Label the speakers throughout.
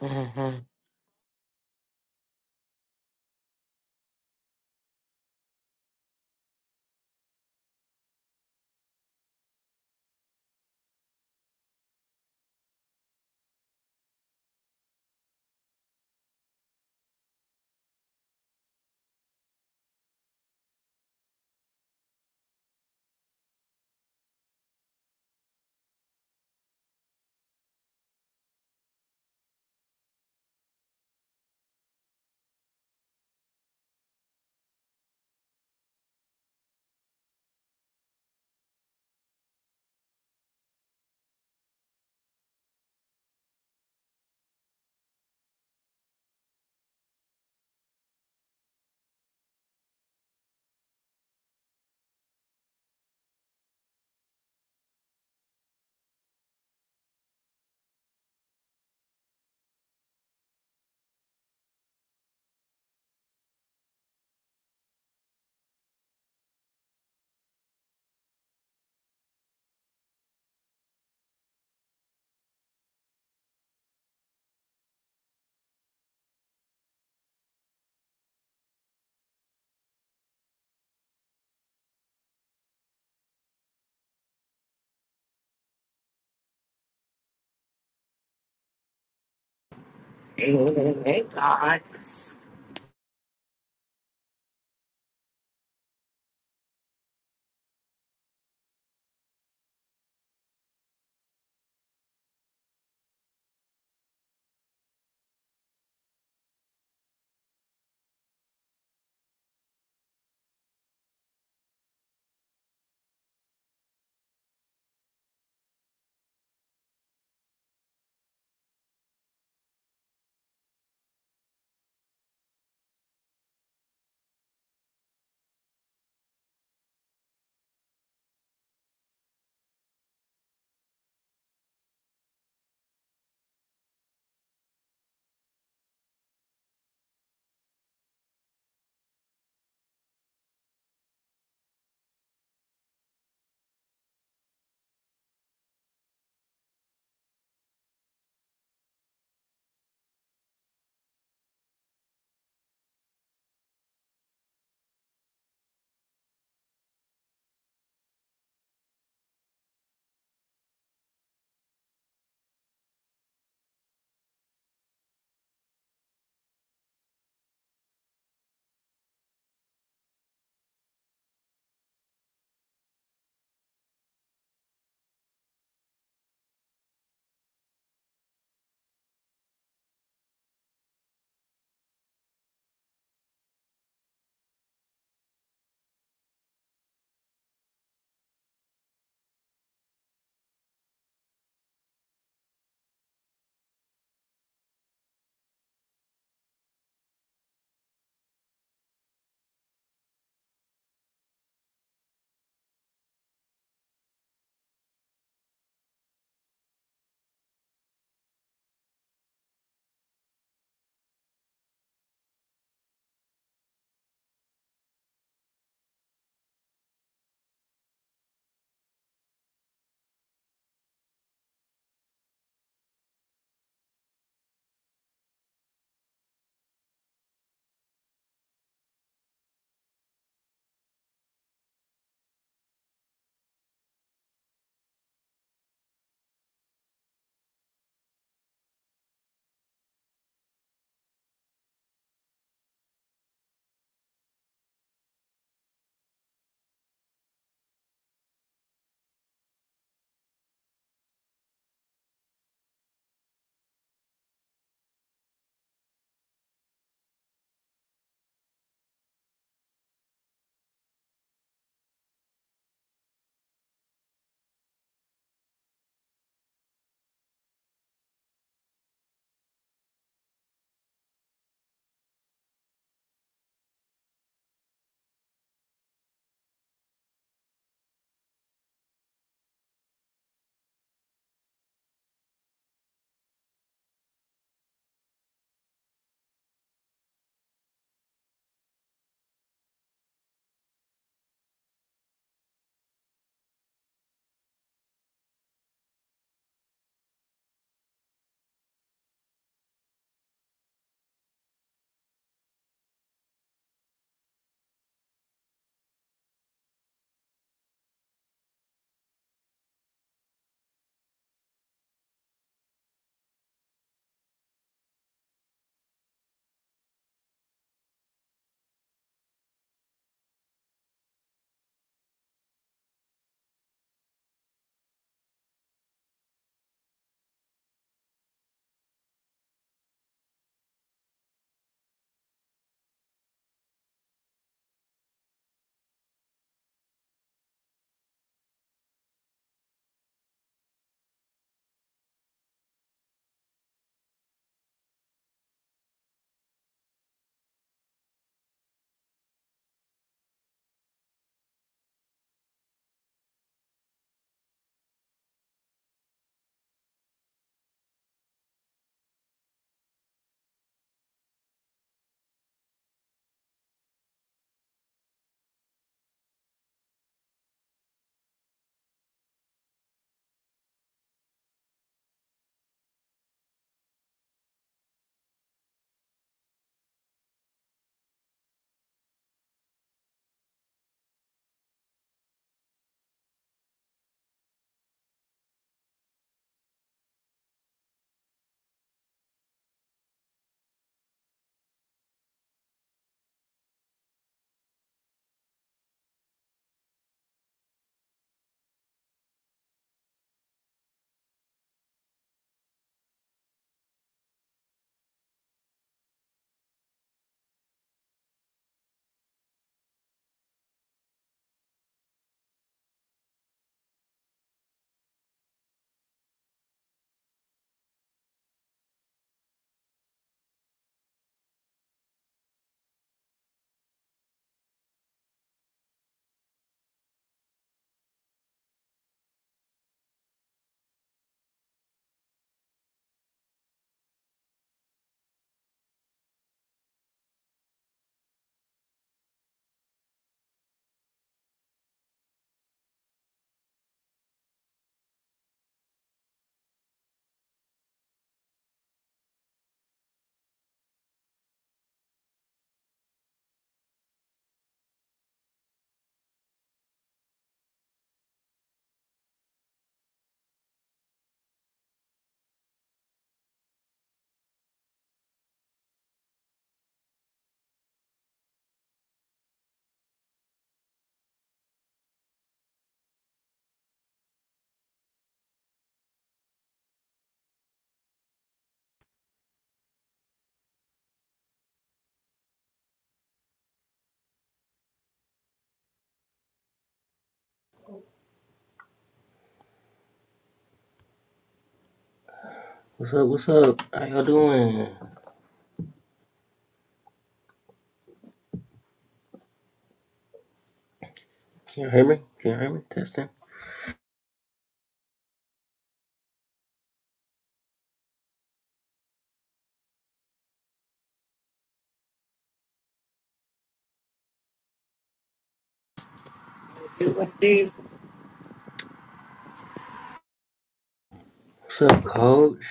Speaker 1: hmm
Speaker 2: Hey, God.
Speaker 3: What's up? What's up? How y'all doing? Can you hear me? Can you hear me? Testing.
Speaker 2: You would be
Speaker 3: What's up, coach?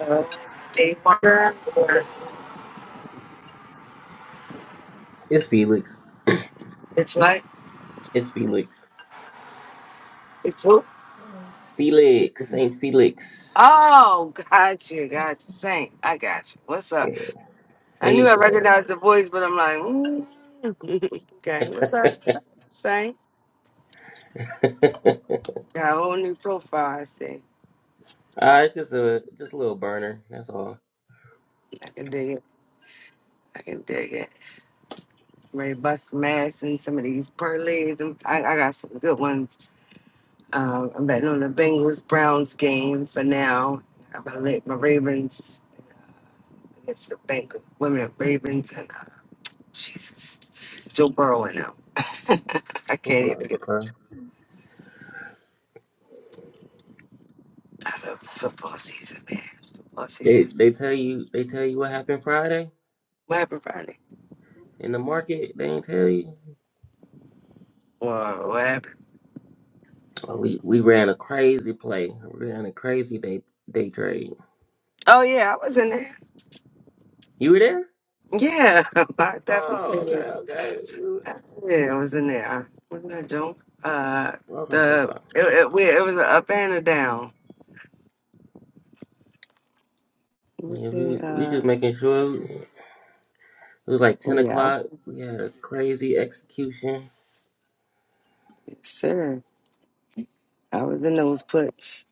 Speaker 2: uh, day water or
Speaker 3: It's Felix.
Speaker 2: it's what?
Speaker 3: It's Felix.
Speaker 2: It's who?
Speaker 3: Felix. Saint Felix.
Speaker 2: Oh, got you, got you. Saint, I got you. What's
Speaker 3: Yeah.
Speaker 2: up? I knew
Speaker 3: Hey.
Speaker 2: I
Speaker 3: folks.
Speaker 2: recognized the voice, but I'm like, mm. okay, what's up, Saint? Got a whole new profile. I see.
Speaker 3: Ah, it's just a just a little burner. That's all.
Speaker 2: I can dig it. I can dig it. Ready to bust some ass in some of these parlays. and I, I got some good ones. Um, I'm betting on the Bengals Browns game for now. I'm gonna let my Ravens. It's the Bank of Women Ravens and uh, Jesus, Joe Burrow and them. I can't even
Speaker 3: Okay.
Speaker 2: get
Speaker 3: Okay.
Speaker 2: out of football season, man. Football
Speaker 3: They
Speaker 2: season.
Speaker 3: they tell you they tell you what happened Friday
Speaker 2: What happened Friday?
Speaker 3: in the market. They ain't tell you.
Speaker 2: Whoa, what happened?
Speaker 3: Oh, we we ran a crazy play. We ran a crazy day day trade.
Speaker 2: Oh yeah, I was in there.
Speaker 3: You were there?
Speaker 2: Yeah, I
Speaker 3: Oh, okay,
Speaker 2: definitely.
Speaker 3: okay. We were-
Speaker 2: Yeah, I was in there. Wasn't that Joe? Uh,
Speaker 3: Okay, okay.
Speaker 2: the it, it, we, it was an up and a down. Let me
Speaker 3: Yeah,
Speaker 2: see.
Speaker 3: we we just
Speaker 2: Uh,
Speaker 3: making sure it was like ten
Speaker 2: oh, yeah,
Speaker 3: o'clock. We had a crazy execution.
Speaker 2: sure. I was in those puts.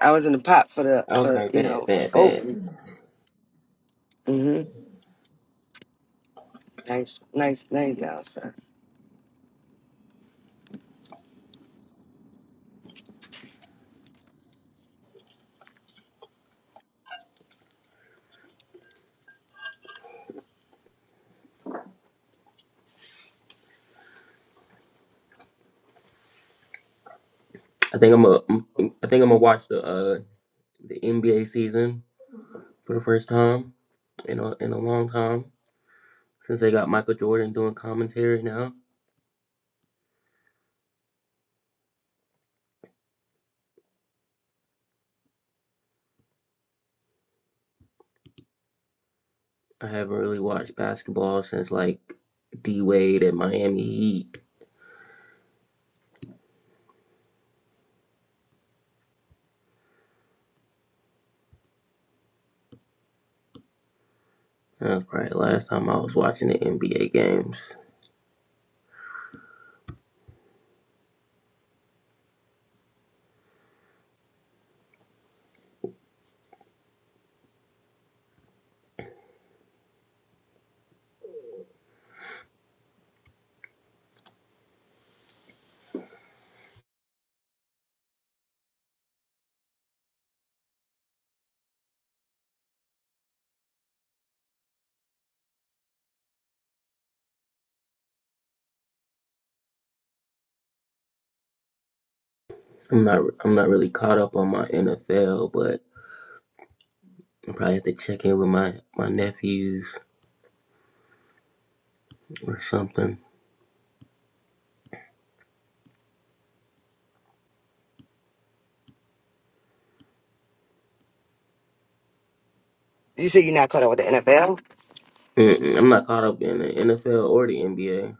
Speaker 2: I was in the pot for the for
Speaker 3: Okay,
Speaker 2: you
Speaker 3: bad,
Speaker 2: know.
Speaker 3: bad, bad.
Speaker 2: Oh. Nice, nice, nice down, son.
Speaker 3: I think I'm a I think I'm gonna watch the uh the NBA season for the first time in a in a long time since they got Michael Jordan doing commentary now. I haven't really watched basketball since like D Wade and Miami Heat. That was probably the last time I was watching the NBA games. I'm not I'm not really caught up on my NFL, but. I Probably have to check in with my, my nephews or something.
Speaker 2: You say you're not caught up with the NFL?
Speaker 3: Mm-mm, I'm not caught up in the NFL or the NBA.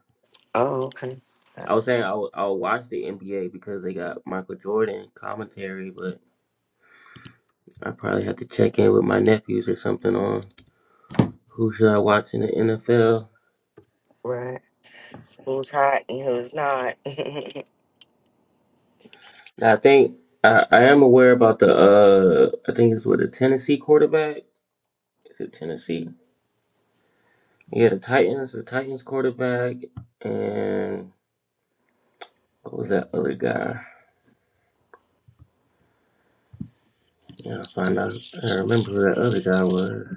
Speaker 2: Oh, okay.
Speaker 3: I was saying I'll, I'll watch the NBA because they got Michael Jordan commentary, but I probably have to check in with my nephews or something on who should I watch in the NFL.
Speaker 2: Right. Who's hot and who's not?
Speaker 3: I think I, I am aware about the uh I think it's with the Tennessee quarterback. Is it Tennessee? Yeah, the Titans, the Titans quarterback, and what was that other guy? Yeah, I find out. I remember who that other guy was.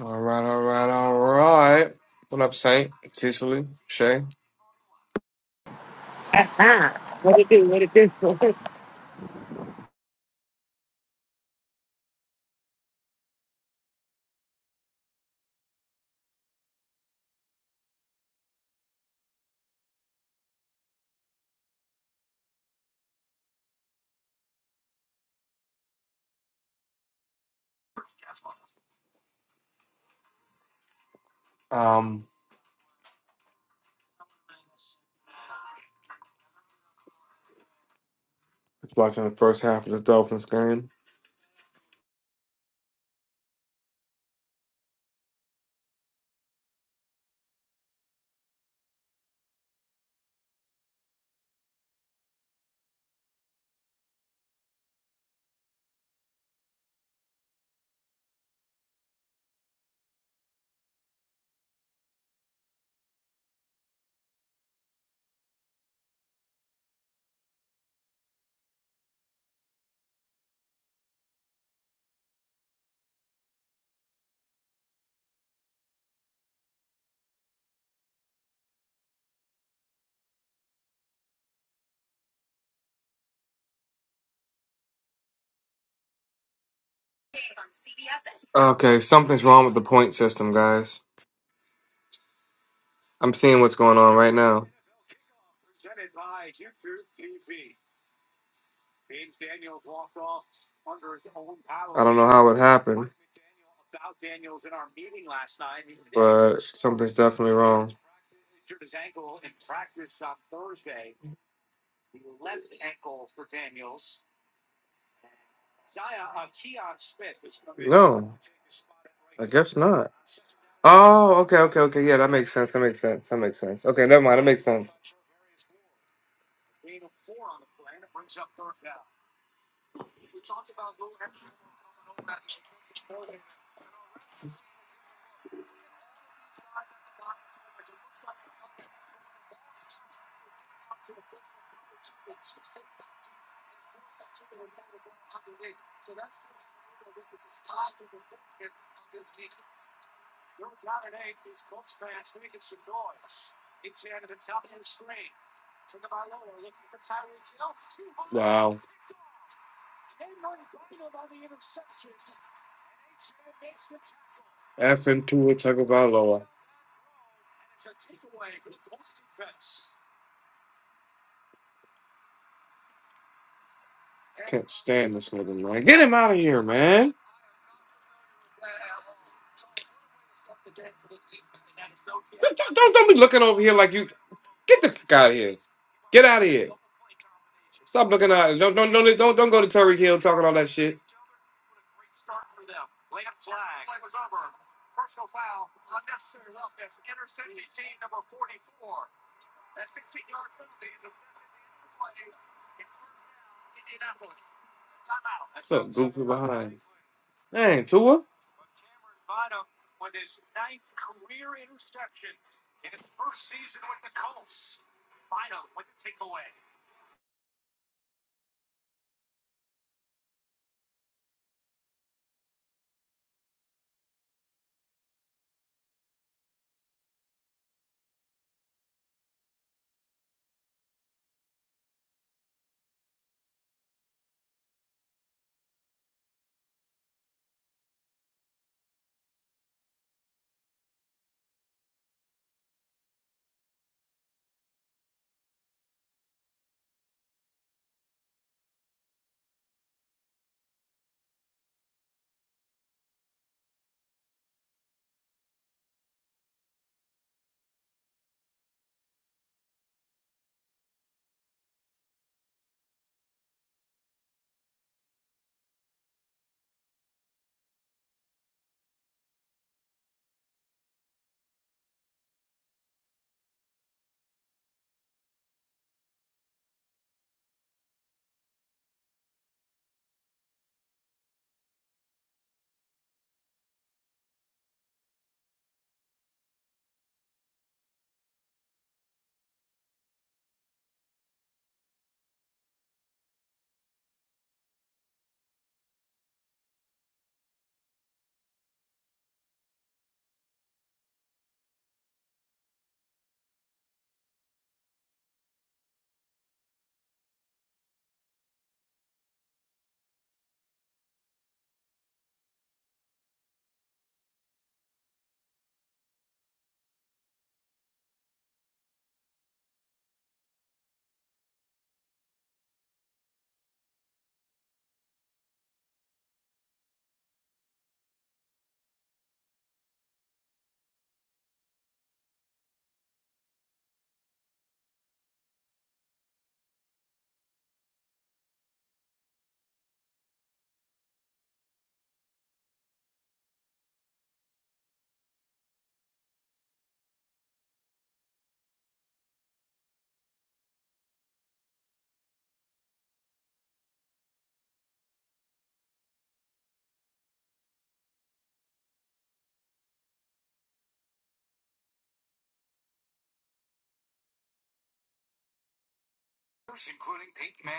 Speaker 4: All right, all right, all right. What up, Saint, Cecily, Shay?
Speaker 2: What it do? What it do?
Speaker 4: Um, just watching the first half of this Dolphins game. Okay, something's wrong with the point system, guys. I'm seeing what's going on right now. I don't know how it happened, but something's definitely wrong. No, I guess not. Oh, okay, okay, okay. Yeah, that makes sense. That makes sense. That makes sense. Okay, never mind. That makes sense. Wow. F and two Tagovailoa. Can't stand this nigga, man. Get him out of here, man. Don't, don't, don't don't be looking over here like you. Get the fuck out of here. Get out of here. Stop looking out. Don't don't don't don't don't go to Terry Hill talking all that shit. What's up, goofy behind? Dang, Tua.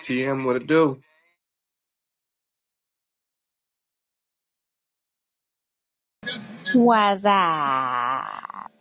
Speaker 4: TM, what it do?
Speaker 5: What's up?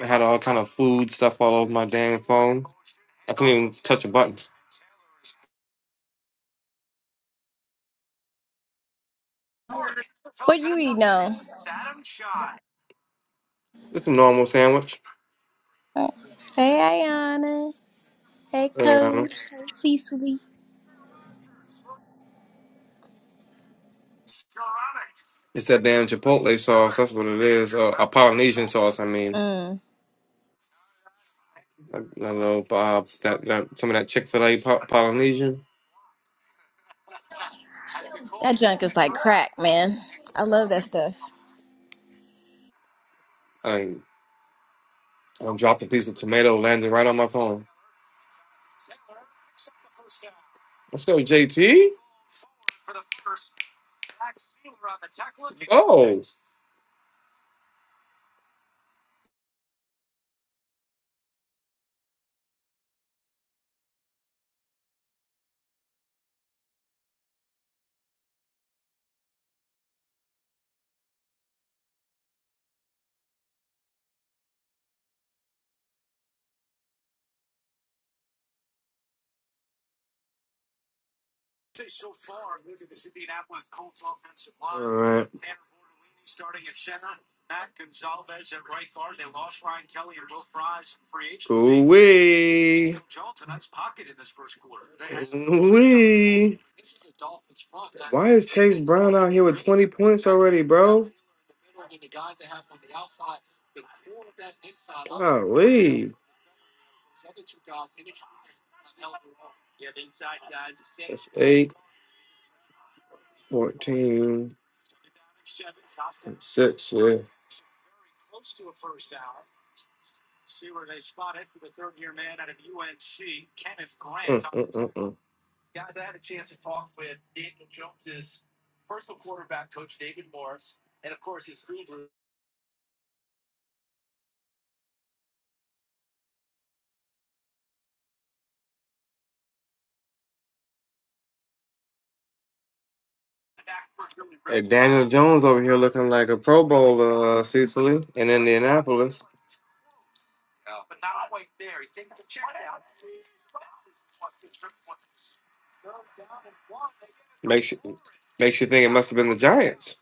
Speaker 4: I had all kind of food stuff all over my damn phone. I couldn't even touch a button.
Speaker 5: What you eating on?
Speaker 4: It's a normal sandwich.
Speaker 5: Hey, Ayana. Hey,
Speaker 4: Um,
Speaker 5: Coach. Hey, Cecily.
Speaker 4: it's that damn chipotle sauce. That's what it is. Uh, a Polynesian sauce. I mean,
Speaker 5: Mm,
Speaker 4: a, a little uh, that, that some of that Chick Fil A po- Polynesian.
Speaker 5: that junk is like crack, man. I love that stuff.
Speaker 4: I I dropped a piece of tomato, landing right on my phone. Let's go, JT. Oh. All right. Ooh wee. Ooh wee. is Chase 20 points already, 8, 14, 6, mm Hey, Daniel Jones over here looking like a Pro Bowler, uh, Cecily, in Indianapolis. Makes you makes you think it must have been the Giants.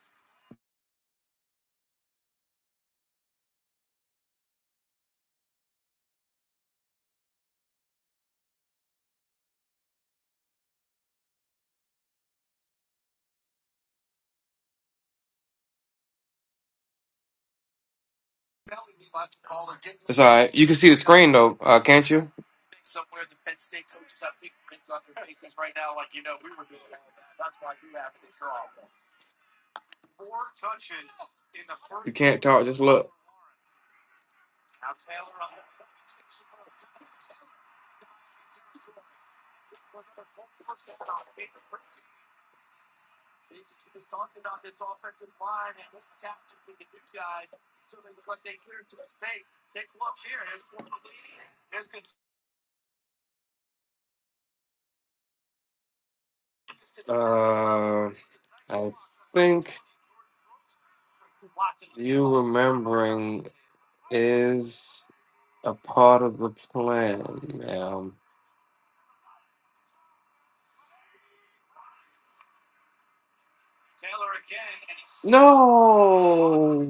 Speaker 4: It's all right. You can see the screen though, uh, can't you? You can't talk. Just look. Uh, I think you remembering is a part of the plan, ma'am. No,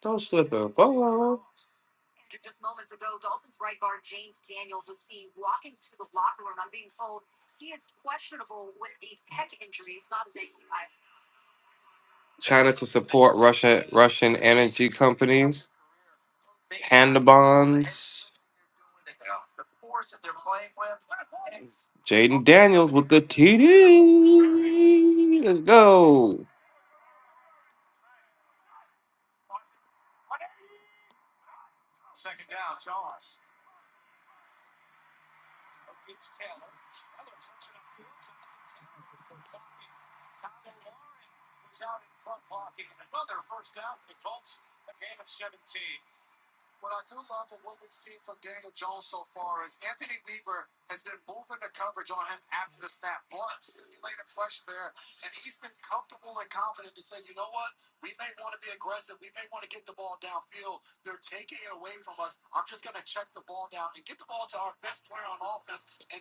Speaker 4: don't slip up. China to support Russia Russian energy companies. Panda bonds. Jaden Daniels with the TD. Let's go.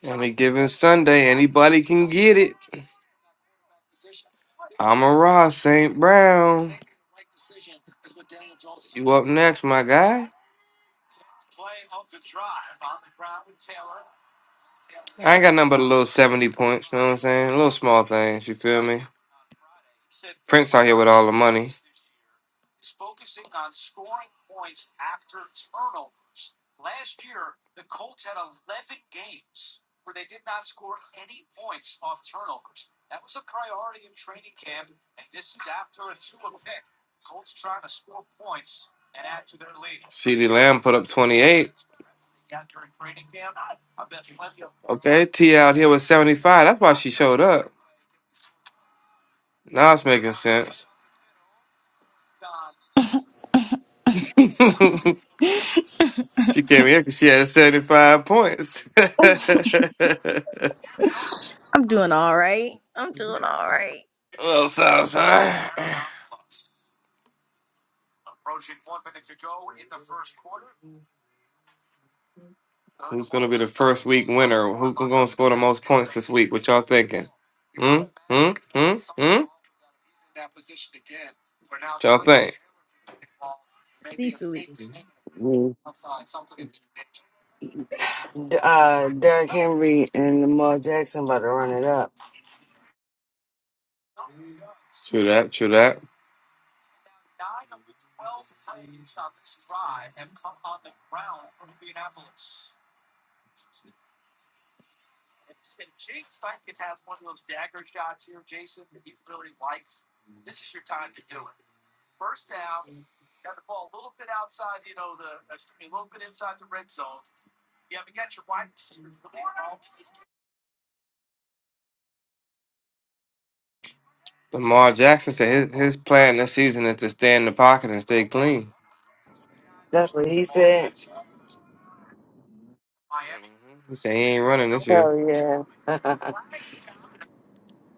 Speaker 4: Any given Sunday, anybody can get it. I'm a Ross St. Brown. You up next, my guy? I ain't got nothing but a little 70 points, you know what I'm saying? Little small things, you feel me? Prince out here with all the money. CeeDee Lamb put up 28. Okay, T out here with 75. That's why she showed up. Now it's making sense. she came here because she had 75 points.
Speaker 5: I'm doing all right. I'm doing all right.
Speaker 4: little south, son. Who's gonna be the first week winner? Who's gonna score the most points this week? What y'all thinking? Hmm? Hmm? Hmm? Hmm? What y'all think?
Speaker 5: Cecily.
Speaker 2: Mm. D- uh, Derrick Henry and Lamar Jackson about to run it up.
Speaker 4: True that, true that. Lamar Jackson said his, his plan this season is to stay in the pocket and stay clean.
Speaker 2: That's what he said.
Speaker 4: Mhm. He said he ain't running this year.
Speaker 2: Hell yeah.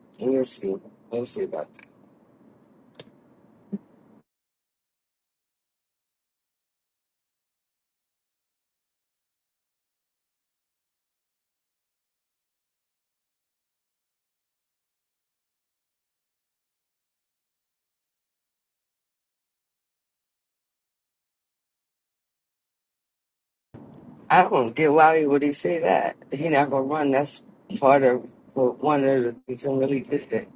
Speaker 2: we'll see. We'll see about that. I don't get why he would he say that. He not gonna run. That's part of well, one of the things I'm really good at.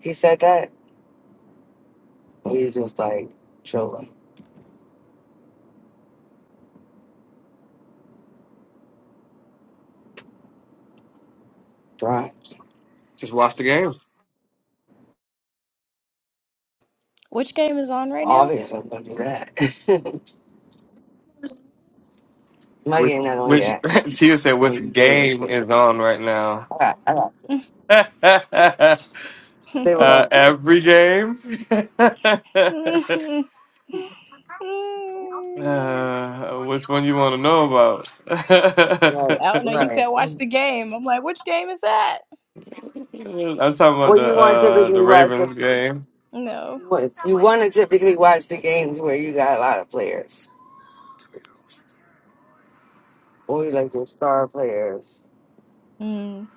Speaker 2: He said that. And just like trolling, dry.
Speaker 4: Just watch the game.
Speaker 5: Which game is on right now?
Speaker 2: Obvious, I'm gonna do that. My
Speaker 4: Which,
Speaker 2: game not on
Speaker 4: which
Speaker 2: yet.
Speaker 4: Tia said,
Speaker 2: One
Speaker 4: which
Speaker 2: the Ravens
Speaker 4: game
Speaker 2: game.
Speaker 4: is on right now?
Speaker 2: All right, all right.
Speaker 4: uh,
Speaker 2: They were
Speaker 4: every game. Uh, which one you want to know about? I'm
Speaker 2: Right,
Speaker 5: I don't know. You
Speaker 2: right.
Speaker 5: said watch the game. I'm like, which game is that?
Speaker 4: talking about
Speaker 2: Well,
Speaker 4: the
Speaker 2: you want to
Speaker 4: uh
Speaker 2: typically
Speaker 4: the
Speaker 2: watch the
Speaker 4: Ravens game.
Speaker 5: No.
Speaker 2: what you want to typically watch the games where you got a lot of players, or you like your star players.
Speaker 5: Mm.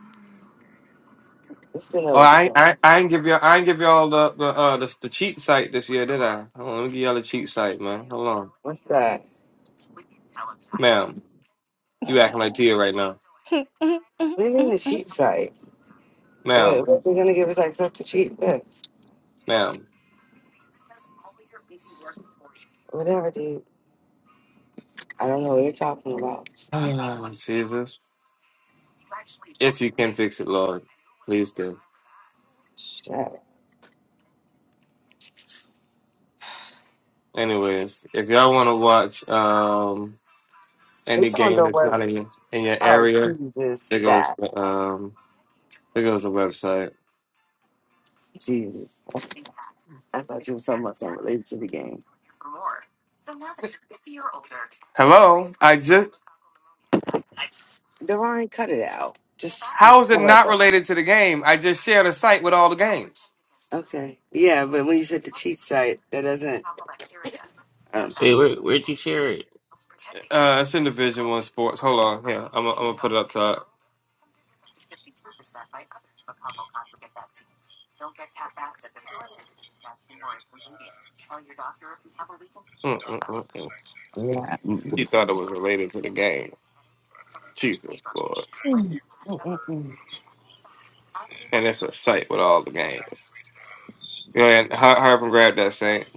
Speaker 2: Just to know
Speaker 4: Oh,
Speaker 2: what to
Speaker 4: I
Speaker 2: do.
Speaker 4: I I ain't give y'all I ain't give y'all the the uh the, the cheat site this year, did I? Hold on, let me give y'all the cheat site, man. Hold on,
Speaker 2: What's that?
Speaker 4: ma'am, you acting like Tia right now,
Speaker 2: What do you mean the cheat
Speaker 5: I'm
Speaker 2: site?
Speaker 4: ma'am,
Speaker 2: What, what they're gonna give us access to cheat with?
Speaker 4: ma'am.
Speaker 2: Whatever, dude. I don't know what you're talking about.
Speaker 4: Oh, Jesus, if you can fix it, Lord, please do.
Speaker 2: Shit. Are
Speaker 4: Anyways, if y'all want to watch um
Speaker 2: you
Speaker 4: any
Speaker 2: talking
Speaker 4: game that's
Speaker 2: about?
Speaker 4: not in your, in your
Speaker 2: Oh,
Speaker 4: area,
Speaker 2: Jesus,
Speaker 4: it goes
Speaker 2: that.
Speaker 4: to um. There goes the website.
Speaker 2: Jesus. I thought you were talking about something related to the game.
Speaker 4: Hello. I just.
Speaker 2: Deron, cut it out. Just, just.
Speaker 4: How is
Speaker 2: How
Speaker 4: it
Speaker 2: about
Speaker 4: not
Speaker 2: that?
Speaker 4: related to the game? I just shared a site with all the games.
Speaker 2: Okay. Yeah, but when you said the cheat site, that doesn't. Um,
Speaker 3: Wait, where, where'd you share it?
Speaker 4: Uh, it's in Division One sports. Hold on. Yeah, I'm. gonna- I'm gonna put it up top. Mm, mm, mm, mm.
Speaker 2: yeah. Mm-mm.
Speaker 4: He thought it was related to the game. Jesus Lord.
Speaker 2: Mm, mm, mm.
Speaker 4: And it's a site with all the games. Go ahead. Har- Harp and grab that Saint,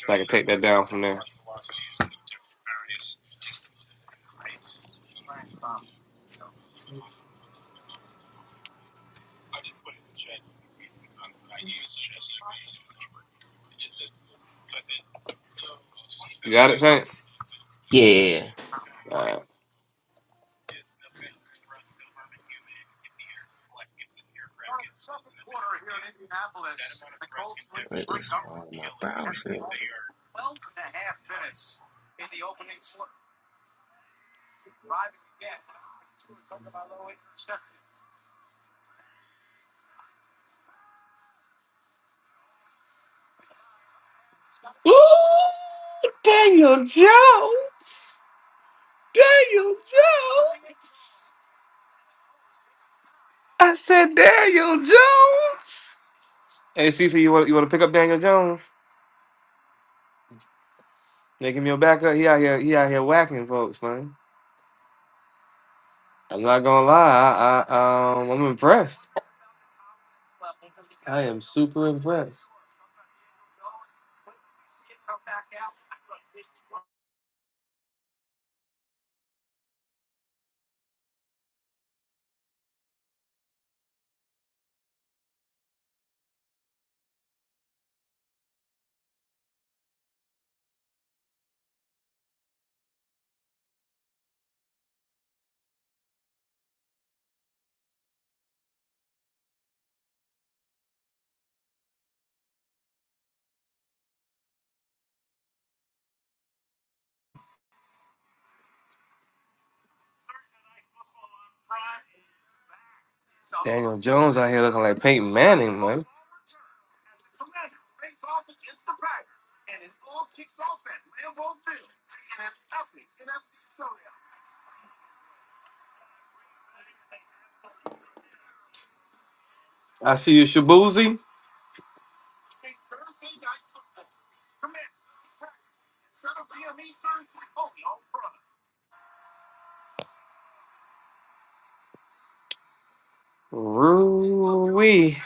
Speaker 4: so I can take that down from there. You got it, Saint.
Speaker 3: Yeah, yeah, yeah.
Speaker 4: All right.
Speaker 3: Wait, it's on my browser.
Speaker 4: Ooh, Daniel Jones. Daniel Jones. I said Daniel Jones. Hey Cece, you want you want to pick up Daniel Jones? Make him your backup. He out here he out here whacking folks, man. I'm not gonna lie, I, I um I'm impressed. I am super impressed. Daniel Jones out here looking like Peyton Manning, man. I see you, Shabuzi. Roo-wee.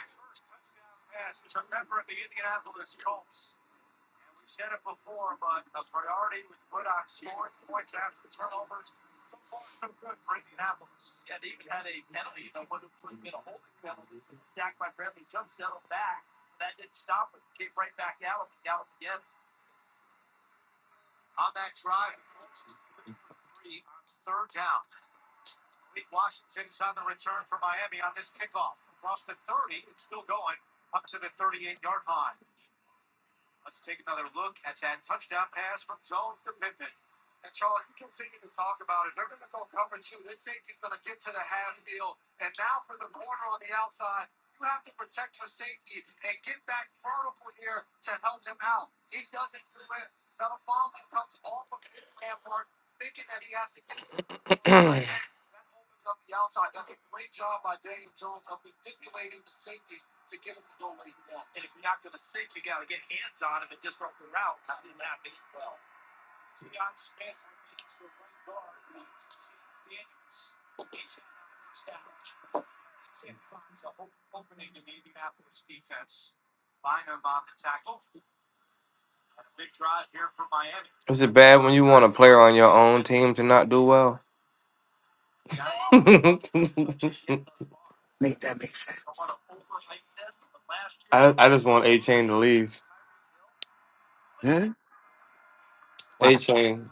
Speaker 4: Is it bad when you want a player on your own team to not do well? I,
Speaker 2: Make that make sense.
Speaker 4: I just want A Chain to leave.
Speaker 2: Huh? Why?
Speaker 4: A chain.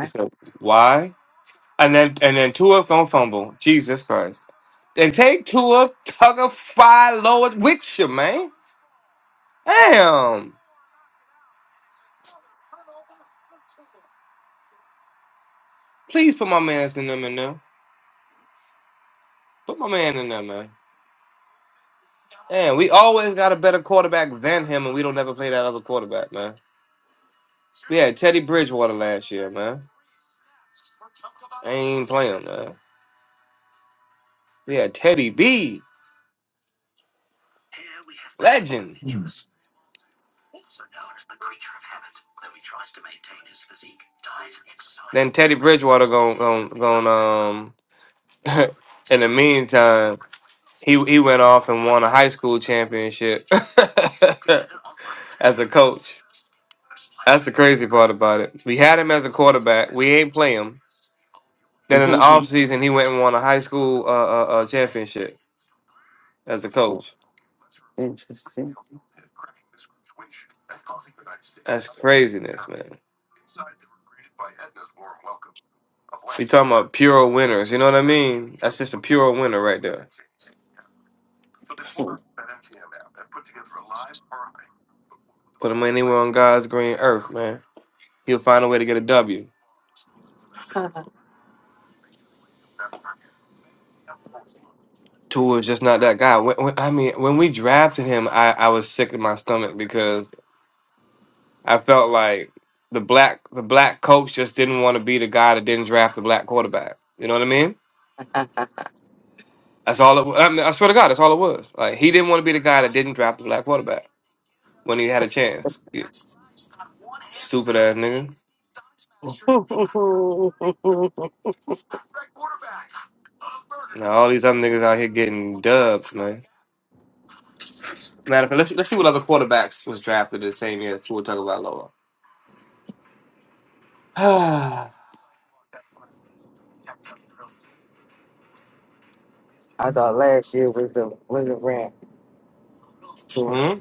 Speaker 4: He said, "Why?" And then and then Tua gonna fumble. Jesus Christ! Then take Tua Tugger Fire Lord with you, man. Damn! Please put my man's in them in there. Put my man in there, man. Man, we always got a better quarterback than him, and we don't ever play that other quarterback, man. We had Teddy Bridgewater last year, man. I ain't playing, man. We had Teddy B, legend.
Speaker 2: Mm.
Speaker 4: Then Teddy Bridgewater going, going, going. Um, in the meantime. He he went off and won a high school championship as a coach. That's the crazy part about it. We had him as a quarterback. We ain't play him. Then in the offseason, he went and won a high school uh, uh, uh, championship as a coach.
Speaker 2: Interesting.
Speaker 4: That's craziness, man. We talking about pure winners. You know what I mean? That's just a pure winner right there. Put him anywhere on God's green earth, man. He'll find a way to get a W. Tua is just not that guy. When, when, I mean, when we drafted him, I, I was sick in my stomach because I felt like the black the black coach just didn't want to be the guy that didn't draft the black quarterback. You know what I mean? That's all it. wa- I, mean, I swear to God, that's all it was. Like he didn't want to be the guy that didn't draft the black quarterback when he had a chance. You stupid ass nigga. Now all these other niggas out here getting dubs, man. Matter of fact, let's, let's see what other quarterbacks was drafted the same year as Tua Tagovailoa.
Speaker 2: I thought last year was a was a rap for tour.
Speaker 4: hmm?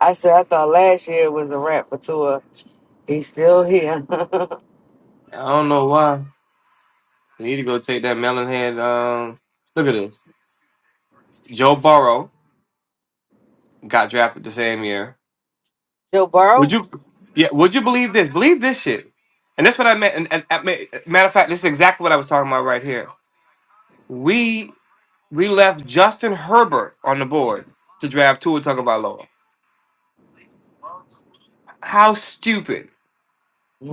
Speaker 2: I said I thought last year was a rap for tour. He's still here.
Speaker 4: I don't know why. You need to go take that melon head. Um, look at this. Joe Burrow got drafted the same year.
Speaker 2: Joe Burrow?
Speaker 4: Would you? Yeah. Would you believe this? Believe this shit. And that's what I meant. And, and, I mean, matter of fact, this is exactly what I was talking about right here. We we left Justin Herbert on the board to draft Tua Tagovailoa. How stupid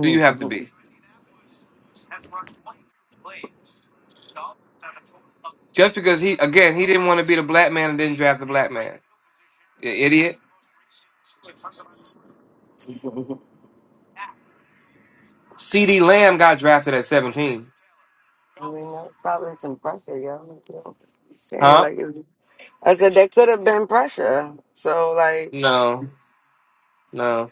Speaker 4: do you have to be? Just because he again he didn't want to be the black man and didn't draft the black man. You idiot. C.D. Lamb got drafted at seventeen.
Speaker 2: I mean, that was probably some pressure, yo. Saying it
Speaker 4: Huh?
Speaker 2: like it, I said, that could have been pressure. So, like,
Speaker 4: No. No.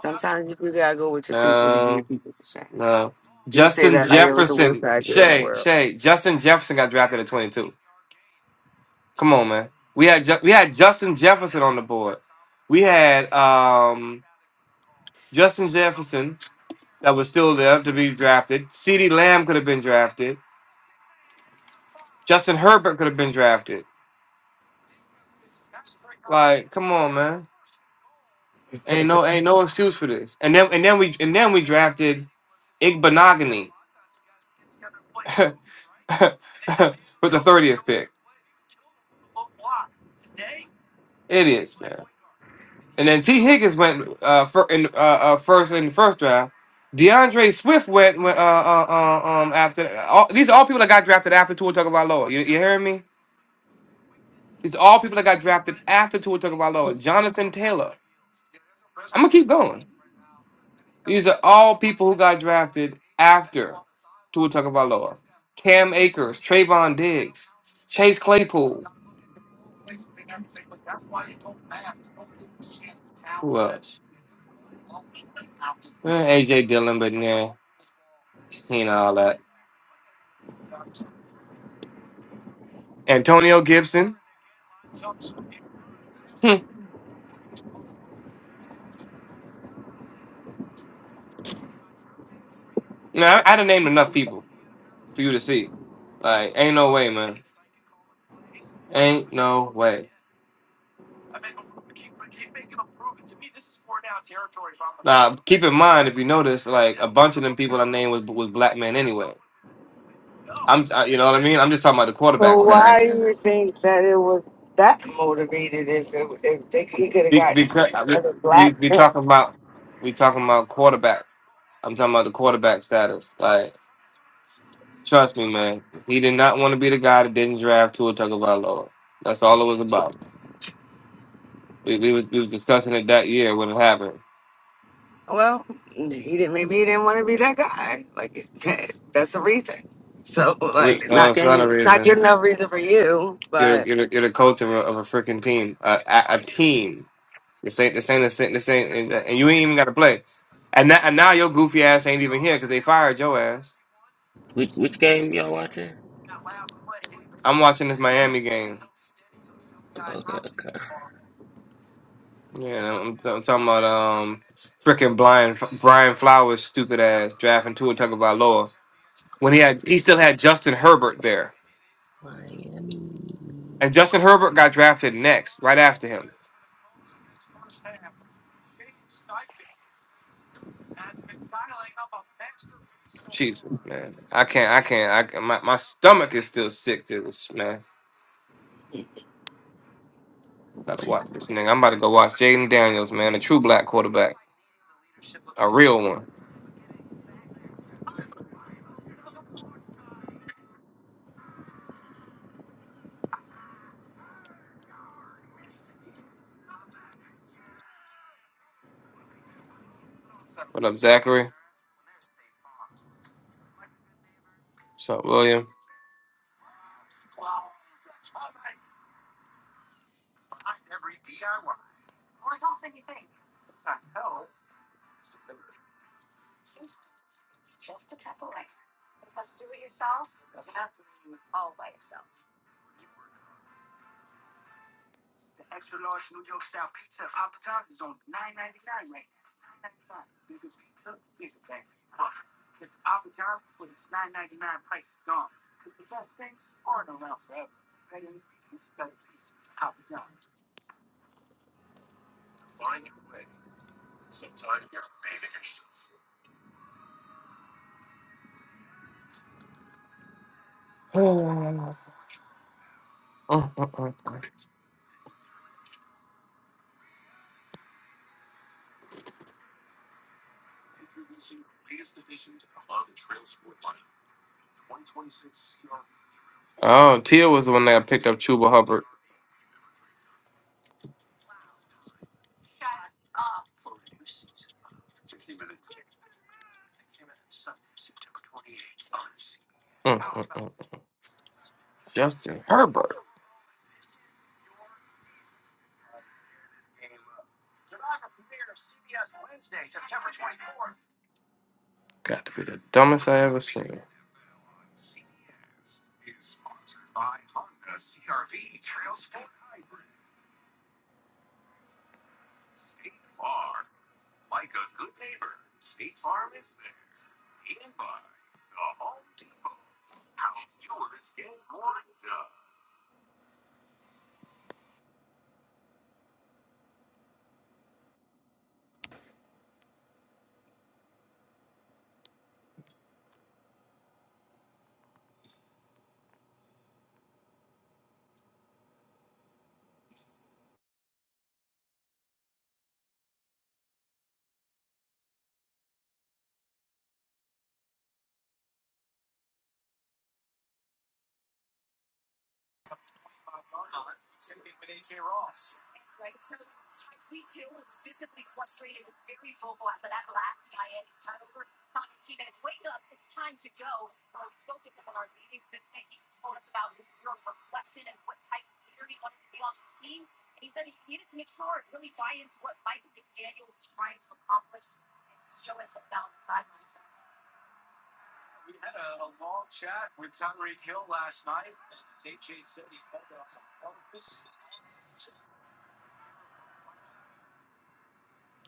Speaker 2: sometimes you do gotta go with your people to give your
Speaker 4: No.
Speaker 2: people a chance.
Speaker 4: No.
Speaker 2: You say
Speaker 4: Justin
Speaker 2: that like it was the worst
Speaker 4: Jefferson.
Speaker 2: idea in the
Speaker 4: Shay.
Speaker 2: world.
Speaker 4: Shay. Justin Jefferson got drafted at twenty-two. Come on, man. We had Ju- we had Justin Jefferson on the board. We had um, Justin Jefferson that was still there to be drafted. Ceedee Lamb could have been drafted. Justin Herbert could have been drafted. Like, come on, man. Ain't no ain't no excuse for this. And then and then we and then we drafted Igbenogany with the thirtieth pick. Idiots, man. And then T. Higgins went uh, fir- in, uh, uh, first in the first round. DeAndre Swift went, went uh, uh, uh, um, after. All, these are all people that got drafted after Tua Tagovailoa. You, you hearing me? These are all people that got drafted after Tua Tagovailoa. Jonathan Taylor. I'm gonna keep going. These are all people who got drafted after Tua Tagovailoa. Cam Akers, Trayvon Diggs, Chase Claypool. Who else? Eh, AJ Dillon, but nah, he ain't all that. Antonio Gibson. Hmm. Now I, I done named enough people for you to see. Like, ain't no way, man. Ain't no way. Now, keep in mind, if you notice, like a bunch of them people I named was was black men anyway. I'm, I, you know what I mean. I'm just talking about the quarterback
Speaker 2: So why
Speaker 4: status.
Speaker 2: do you think that it was that motivated? If it, if they, he could have
Speaker 4: Because
Speaker 2: got
Speaker 4: we
Speaker 2: another
Speaker 4: we
Speaker 2: black
Speaker 4: we
Speaker 2: man
Speaker 4: talking about we talking about quarterback. I'm talking about the quarterback status. Like, trust me, man. He did not want to be the guy that didn't draft Tua Tagovailoa. That's all it was about. We, we was we was discussing it that year when it happened.
Speaker 2: Well, he didn't. Maybe he didn't want to be that guy. Like it's- that's a reason. So
Speaker 3: Which,
Speaker 2: like it's
Speaker 4: No,
Speaker 2: not
Speaker 3: which
Speaker 4: it's not a
Speaker 3: game?
Speaker 2: it's not
Speaker 4: reason.
Speaker 2: good enough reason for you.
Speaker 4: You're the-
Speaker 2: But
Speaker 4: you're the, you're the coach of a of a freaking team, uh, a, a team. This ain't this ain't this ain't this ain't, and, and you ain't even got to play. And now, and now your goofy ass ain't even here because they fired your ass.
Speaker 3: Which, which game y'all watching?
Speaker 4: I'm watching this Miami game.
Speaker 3: Okay, okay.
Speaker 4: Yeah, I'm, I'm talking about um freaking Brian Brian Flowers stupid ass drafting Tua Tagovailoa when he had he still had Justin Herbert there,
Speaker 3: Miami.
Speaker 4: and Justin Herbert got drafted next right after him. Jesus, man. I can't, I can't, I can- my, my stomach is still sick to this, man. Gotta watch this nigga. I'm about to go watch Jaden Daniels, man, a true black quarterback, a real one. What up, Zachary? What's up, William? Mm, mm, mm. Oh, Tia was the one that picked up Chuba Hubbard. Mm, mm, mm. mm. Justin Herbert. Got to be the dumbest I ever seen.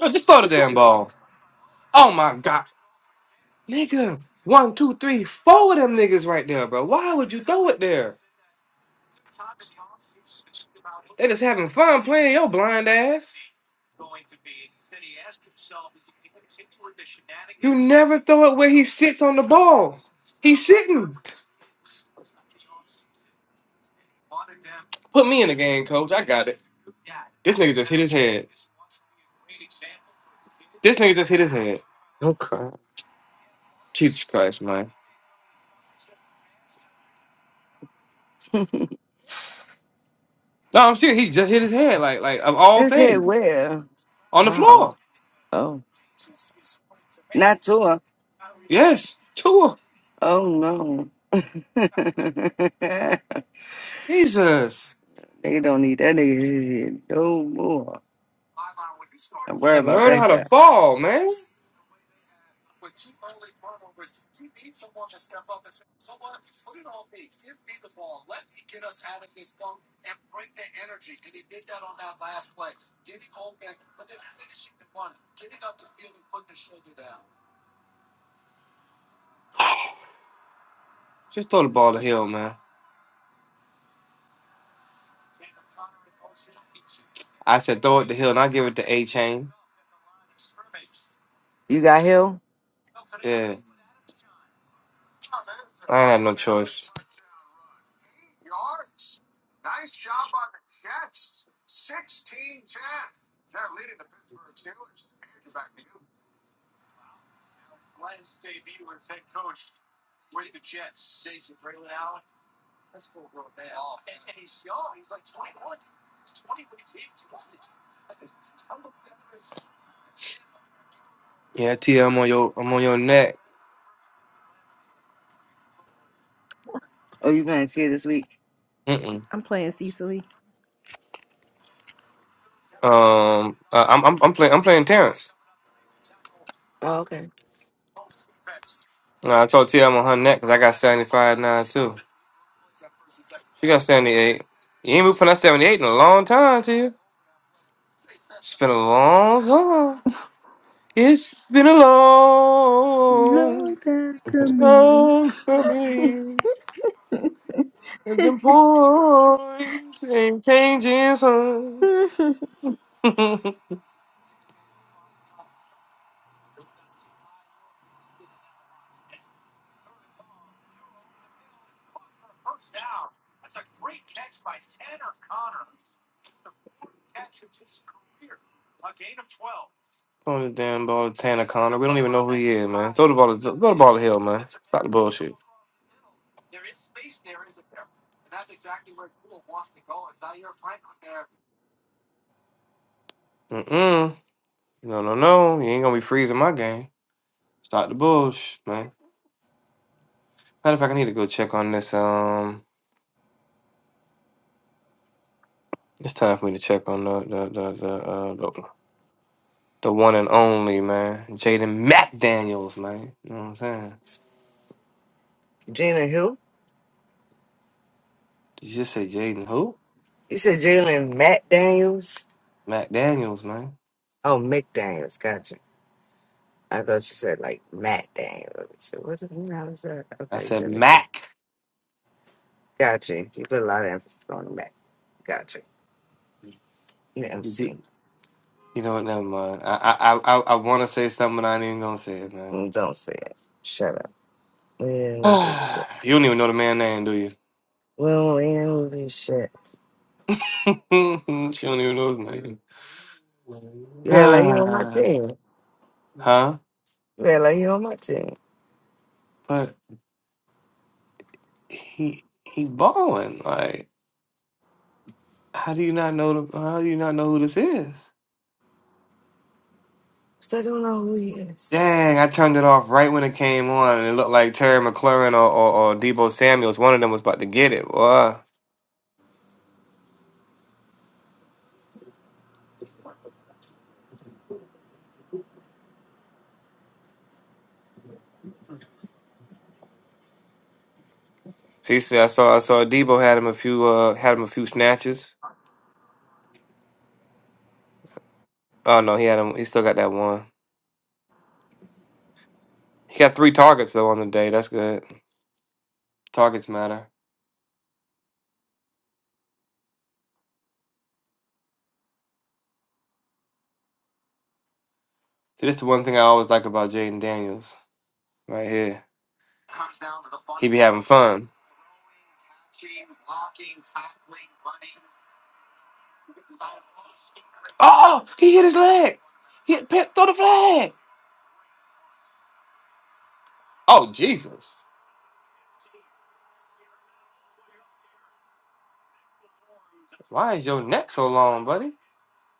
Speaker 4: I just throw the damn ball. Oh my god. Nigga, one, two, three, four of them niggas right there, bro. Why would you throw it there? They just having fun playing your blind ass. You never throw it where he sits on the ball. He's sitting. Put me in the game, coach. I got it. This nigga just hit his head. This nigga just hit his head.
Speaker 2: Okay.
Speaker 4: Jesus Christ, man.
Speaker 2: it
Speaker 4: No, I'm serious. He just hit his head, like, like of all
Speaker 2: said
Speaker 4: things,
Speaker 2: where?
Speaker 4: on the
Speaker 2: How?
Speaker 4: floor.
Speaker 2: Oh, not to her.
Speaker 4: Yes, Tua.
Speaker 2: Oh no. they
Speaker 4: Jesus.
Speaker 2: don't need that nigga here no more. Don't worry
Speaker 4: Like,
Speaker 2: about
Speaker 4: learn
Speaker 2: that
Speaker 4: how to
Speaker 2: guy.
Speaker 4: fall, man. Just throw the ball to Hill, man. I said throw it to Hill, and I give it to A Chain.
Speaker 2: You got Hill?
Speaker 4: Yeah. I ain't had no choice. Yeah, Tia, I'm on your I'm on your neck.
Speaker 2: Oh, you gonna see it this week?
Speaker 4: Mm-mm.
Speaker 5: playing Cecily.
Speaker 4: Um, uh, I'm I'm I'm playing I'm playing Terrence.
Speaker 2: Oh, okay.
Speaker 4: And I told Tia I'm on her neck because I got 75 nine too. She got 78. You ain't been putting that 78 in a long time, Tia. It's been a long time. It's been a
Speaker 5: Long
Speaker 4: long
Speaker 5: time coming.
Speaker 4: time coming. And them points ain't changing, son.
Speaker 5: I
Speaker 4: Throwing this damn ball to Tanner Connor. We don't even know who he is, man. Throw the ball to throw the ball to Hill, man. Stop the bullshit. Mm-mm. No, no, no. You ain't gonna be freezing my game. Stop the bullshit, man. Matter of fact, I need to go check on this. Um, it's time for me to check on the the the the uh, the, the one and only man, Jaden McDaniels, man. You know what I'm saying?
Speaker 2: Jalen Hill.
Speaker 4: Did you just say Jaden who?
Speaker 2: You said Jalen Matt Daniels.
Speaker 4: McDaniels, man.
Speaker 2: Oh, McDaniels. Gotcha. I thought you said like Matt Daniel. I said, what the hell is that?
Speaker 4: I
Speaker 2: Okay, you
Speaker 4: said
Speaker 2: said McDaniel.
Speaker 4: Mac.
Speaker 2: Gotcha. You put a lot of emphasis on the Matt. Gotcha. You
Speaker 4: You do.
Speaker 2: MC.
Speaker 4: You know what? Never mind. I I I I want to say something, but I ain't even gonna say it, man.
Speaker 2: Mm, Don't say it. Shut up. We didn't shit.
Speaker 4: you don't even know the man name, do you?
Speaker 2: Well, We don't we didn't shit.
Speaker 4: she don't even know his name.
Speaker 2: Yeah, like you on my
Speaker 4: Ah,
Speaker 2: team.
Speaker 4: huh?
Speaker 2: Yeah, like you on my team.
Speaker 4: But he he balling. Like, how do you not know the? How do you not know who this is?
Speaker 2: Still don't know who he is.
Speaker 4: Dang, I turned it off right when it came on, and it looked like Terry McLaurin or, or, or Debo Samuel's. One of them was about to get it. Boy. See, see, I saw I saw Debo had him a few uh had him a few snatches. Oh no, he had him. He still got that one. He got three targets though on the day. That's good. Targets matter. See, this is the one thing I always like about Jaden Daniels, right here. He be having fun. Oh, oh, he hit his leg. He hit, pe- throw the flag. Oh, Jesus. Why is your neck so long, buddy?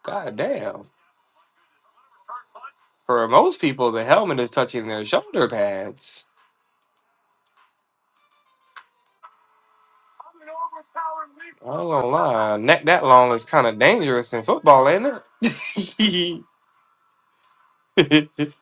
Speaker 4: God damn. For most people, the helmet is touching their shoulder pads. I don't gonna lie, a neck that long is kind of dangerous in football, ain't it?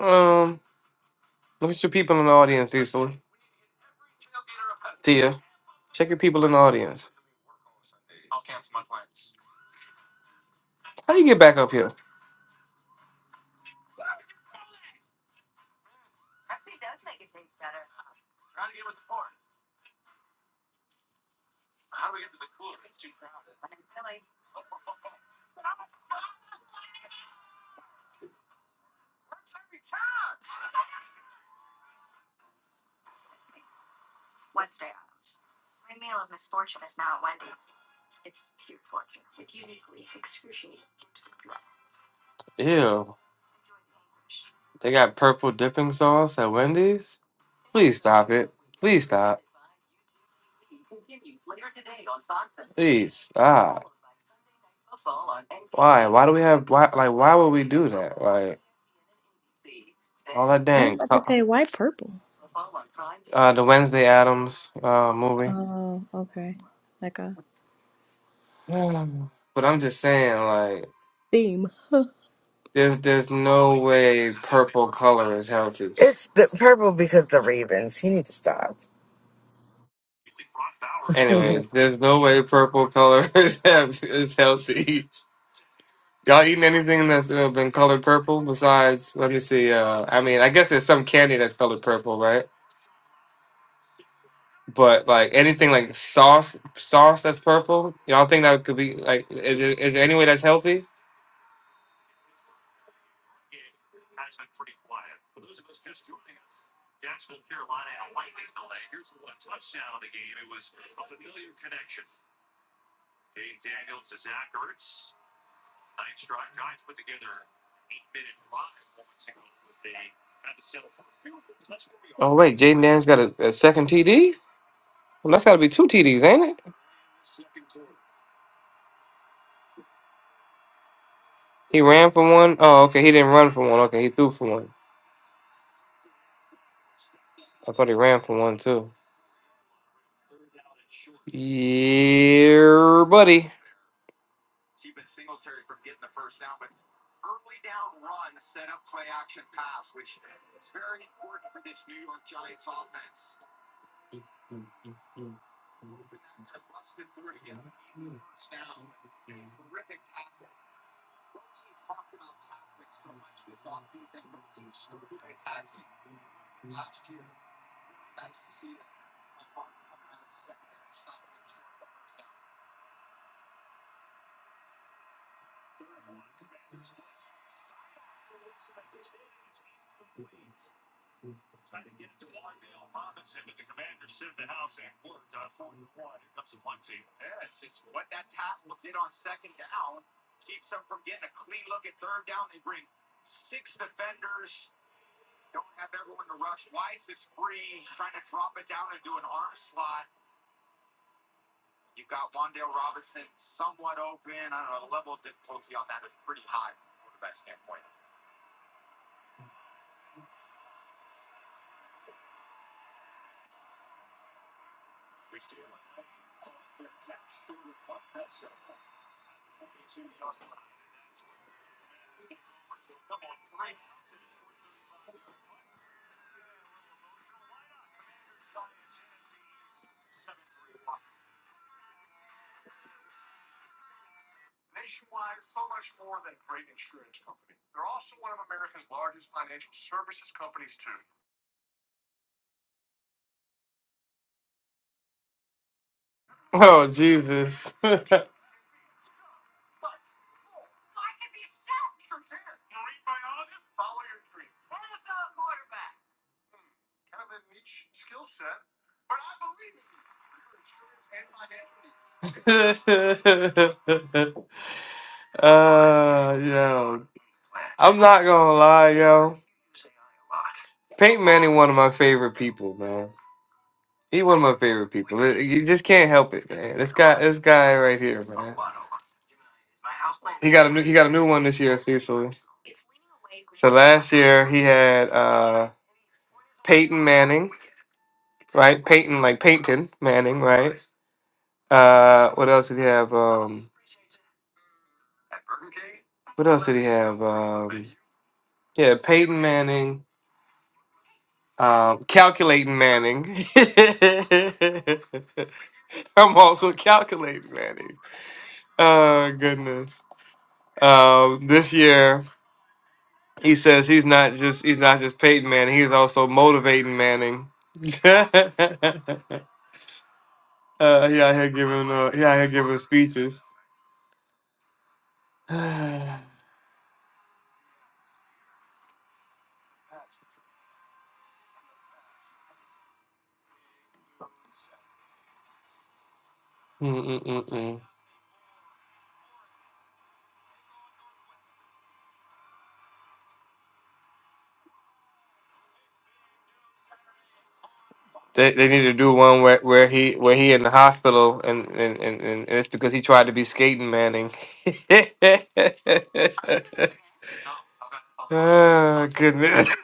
Speaker 4: um, look at your people in the audience, Cecily. Tia, check your people in the audience. How you get back up here? Ew. They got purple dipping sauce at Wendy's? Please stop it. Please stop. Please stop. Why? Why do we have why like why would we do that? Like all that
Speaker 5: was
Speaker 4: dang
Speaker 5: about to
Speaker 4: co-
Speaker 5: say, why purple?
Speaker 4: uh the Wednesday Addams uh movie.
Speaker 5: Oh, okay. Like a
Speaker 4: Um, But I'm just saying like
Speaker 5: Theme.
Speaker 4: there's there's no way purple color is healthy.
Speaker 2: It's the purple because the Ravens. He needs to stop. it's
Speaker 4: Anyway, there's no way purple color is hea- is healthy. Y'all eating anything that's uh, been colored purple besides, let me see, uh, I mean, I guess there's some candy that's colored purple, right? But like anything like sauce, sauce that's purple, y'all think that could be like, is, is there any way that's healthy? Oh wait, Jaden Daniels got a, a second TD. Well, that's got to be two TDs, ain't it? He ran for one. Oh, okay, he didn't run for one. Okay, he threw for one. I thought he ran for one too. Yeah, buddy. Oh Jesus. uh, yo, I'm not gonna lie, yo. Pink Manny, one of my favorite people, man. He one of my favorite people. It- You just can't help it, man. This guy, this guy right here, man. He got a new, he got a new one this year, Cecily. So last year he had uh Peyton Manning, right? Peyton, like Peyton Manning, right? Uh, what else did he have? Um, what else did he have? Um. Yeah, Peyton Manning, um, calculating Manning. I'm also calculating Manning. Oh goodness. Um, this year he says he's not just he's not just Peyton Manning, he's also motivating Manning. uh yeah, he out here giving uh he out here giving speeches. Mm-mm-mm-mm. They, they need to do one where, where he where he in the hospital and and, and and it's because he tried to be skating Manning. oh goodness.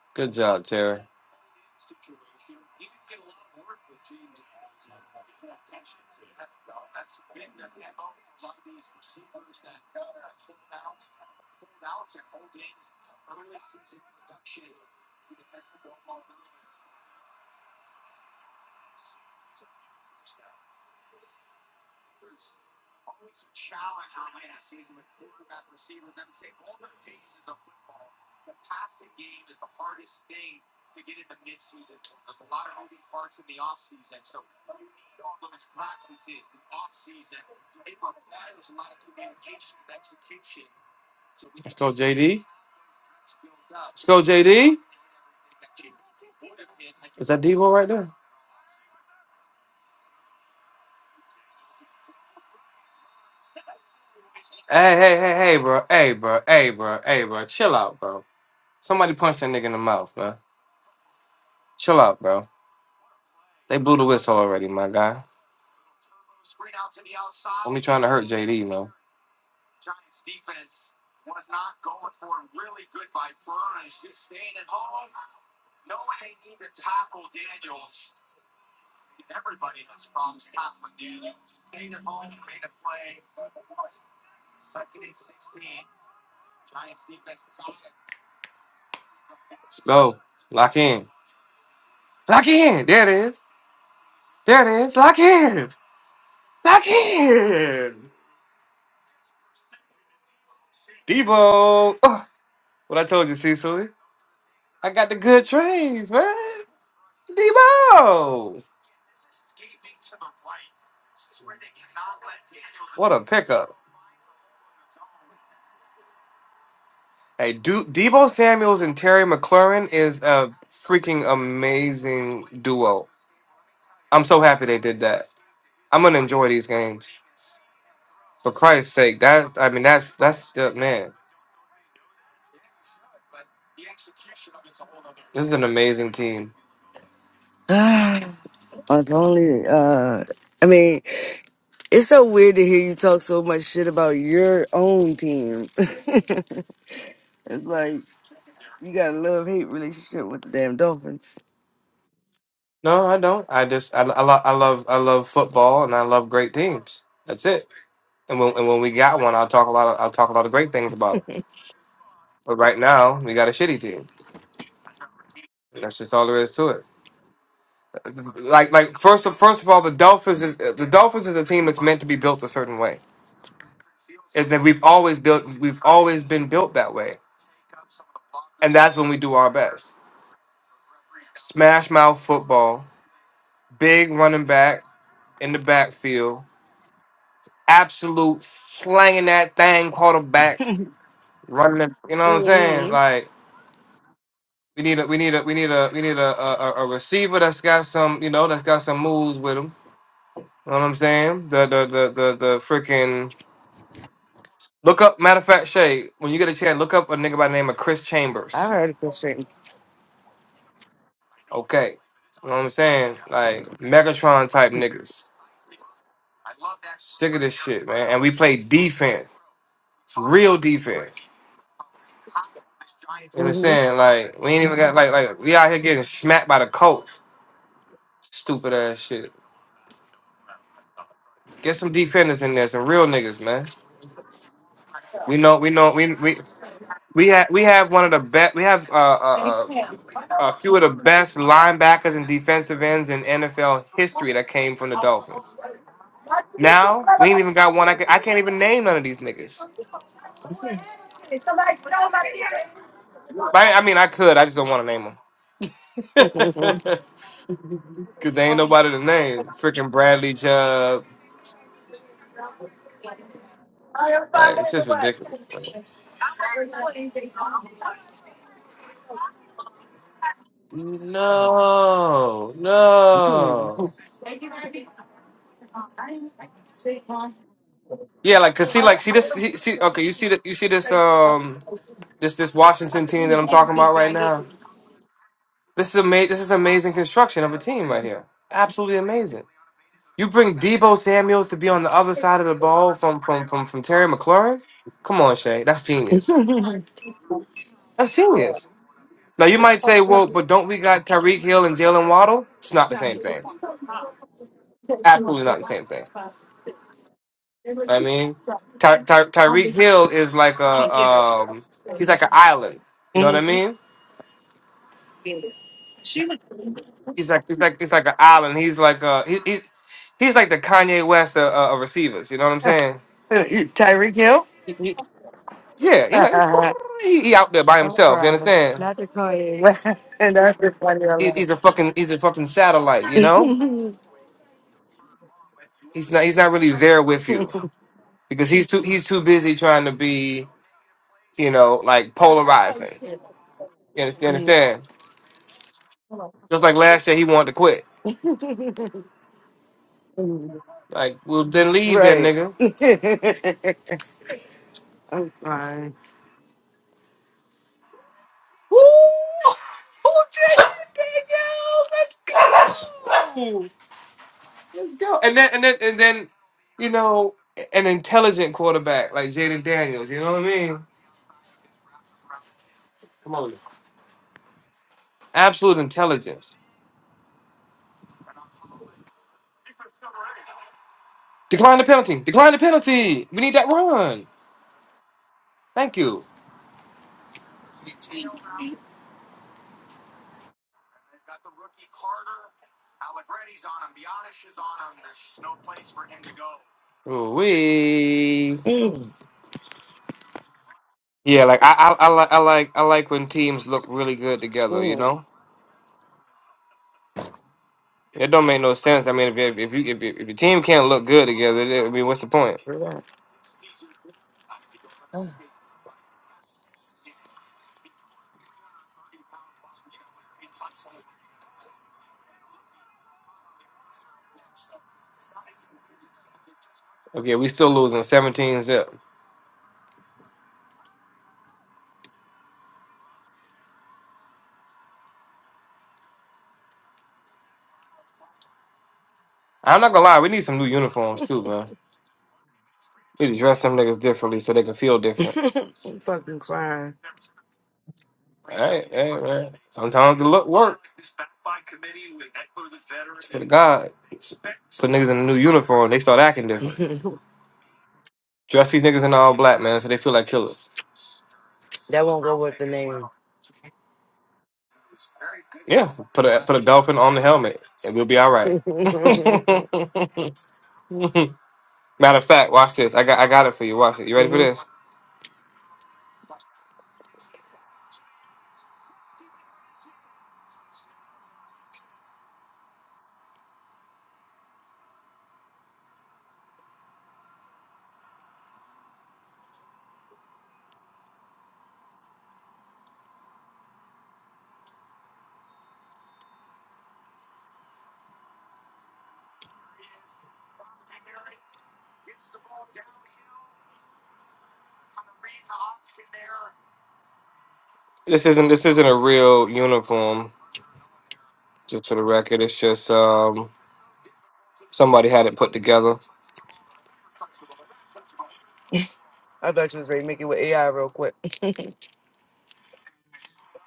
Speaker 4: Good job, Terry. Let's go, JD. Let's go, JD. Is that Devo right there? Hey, hey, hey, hey, bro. Hey, bro. Hey, bro. Hey, bro. Chill out, bro. Somebody punched that nigga in the mouth, man. Chill out, bro. They blew the whistle already, my guy. Don't be trying to hurt JD, man. Let's go. Lock in. Lock in. There it is. There it is. Lock in. Lock in. Debo. Ugh. what I told you, Cecily. I got the good trades, man. Debo. What a pickup. Hey, Du Debo Samuels and Terry McLaurin is a freaking amazing duo. I'm so happy they did that. I'm gonna enjoy these games. For Christ's sake, that I mean that's that's the man. This is an amazing team.
Speaker 2: only uh I mean It's so weird to hear you talk so much shit about your own team. it's like you got a love hate relationship with the damn Dolphins.
Speaker 4: No, I don't. I just I, I, lo- I love I love football and I love great teams. That's it. And when and when we got one, I'll talk a lot. Of, I'll talk a lot of great things about it. But right now, we got a shitty team. That's just all there is to it. Like like first of first of all, the Dolphins is the Dolphins is a team that's meant to be built a certain way, and then we've always built we've always been built that way, and that's when we do our best. Smash mouth football, big running back in the backfield, absolute slanging that thing quarterback running. it- You know what I'm saying?
Speaker 2: Mhm.
Speaker 4: Like we need a we need a we need a we need a a, a receiver that's got some you know that's got some moves with him. You know what I'm saying? The the the the the freaking look up. Matter of fact, Shay, when you get a chance, look up a nigga by the name of Chris
Speaker 2: I
Speaker 4: Chambers.
Speaker 2: heard it frustrating.
Speaker 4: Okay. You know what I'm saying? Like Megatron type niggas. Sick of this shit, man. And we play defense. Real defense. You know what I'm
Speaker 2: Mhm.
Speaker 4: saying? Like we ain't even got like like we out here getting smacked by the Colts. Stupid ass shit. Get some defenders in there, some real niggas, man. We know, we know, we we we have we have one of the best. We have uh, uh, uh, a few of the best linebackers and defensive ends in NFL history that came from the Dolphins. Now we ain't even got one. I, can, I can't even name none of these niggas. I, I mean, I could. I just don't want to name them because they ain't nobody to name. Freaking Bradley Chubb. Like, it's just ridiculous. man. No, no. Yeah, like cause she like she this she, she okay. You see that you see this um this this Washington team that I'm talking about right now. This is ama- This is amazing construction of a team right here. Absolutely amazing. You bring Debo Samuel's to be on the other side of the ball from from from from Terry McLaurin. Come on, Shay. That's genius.
Speaker 2: Mhm.
Speaker 4: That's genius. Now you might say, well, but don't we got Tyreek Hill and Jalen Waddle? It's not the same thing. Absolutely not the same thing. I mean, Ty- Ty- Tyreek Hill is like a um he's like an island. You know what I mean? He's like he's like he's like an island. He's like uh he, he's he's like the Kanye West of, uh, of receivers. You know what I'm saying?
Speaker 2: Tyreek Hill?
Speaker 4: He- he- yeah, he
Speaker 2: I'm
Speaker 4: like he, he out there by himself. You
Speaker 2: crying.
Speaker 4: understand?
Speaker 2: Not to call you. and that's the funny I
Speaker 4: He, he's a fucking he's a fucking satellite. You know? He's not he's not really there with you because he's too he's too busy trying to be you know like polarizing. You understand? You
Speaker 2: laugh.
Speaker 4: understand? Just like last year, he wanted to quit. Like, well, then leave, then
Speaker 2: right.
Speaker 4: nigga.
Speaker 2: I'm fine.
Speaker 4: Woo! Who did it, nigga? Let's go! and then and then and then you know an intelligent quarterback like Jaden Daniels. You know what I mean? Absolute intelligence. Decline the penalty. Decline the penalty. We need that run. Thank you. We.
Speaker 2: Mm,
Speaker 4: Yeah, like I, I, I like, I like, I like when teams look really good together. You
Speaker 2: mm,
Speaker 4: know, it don't make no sense. I mean, if you, if you, if, you, if your team can't look good together, then, I mean, what's the point?
Speaker 2: relax. I'm
Speaker 4: Okay, we still losing seventeen zip. I'm not gonna lie, we need some new uniforms too, man. We need to dress them niggas differently so they can feel different.
Speaker 2: fucking fine.
Speaker 4: Hey, hey, man. Sometimes the look work. Swear to God, put niggas in a new uniform, they start acting different.
Speaker 2: that won't
Speaker 4: Dress these niggas in all black, man, so they feel like killers.
Speaker 2: go with the name.
Speaker 4: Yeah, put a put a dolphin on the helmet, and we'll be all right.
Speaker 2: hmm
Speaker 4: Matter of fact, watch this. I got I got it for you. Watch it. You ready for this? This isn't this isn't a real uniform. Just for the record, it's just um somebody had it put together.
Speaker 2: I thought you was ready to make it with AI real quick. okay.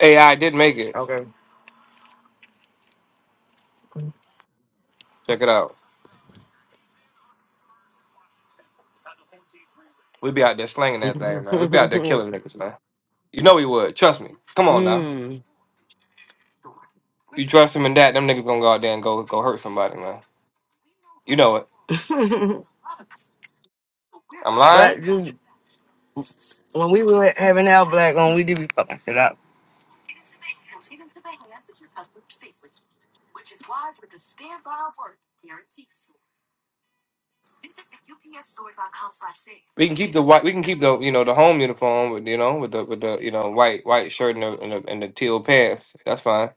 Speaker 4: AI did make it. Check it out. We be out there slinging that thing, man. We be out there killing niggas, man. You know we would. Trust me. Come on now.
Speaker 2: mm.
Speaker 4: You trust him in that, them niggas gonna go out there and go go hurt somebody, man. You know it. I'm lying.
Speaker 2: black dude. When we were having our black on, we did be fucking shit up.
Speaker 4: We can keep the white. We can keep the you know the home uniform with you know with the with the you know white white shirt and the and the, and the teal pants. That's fine.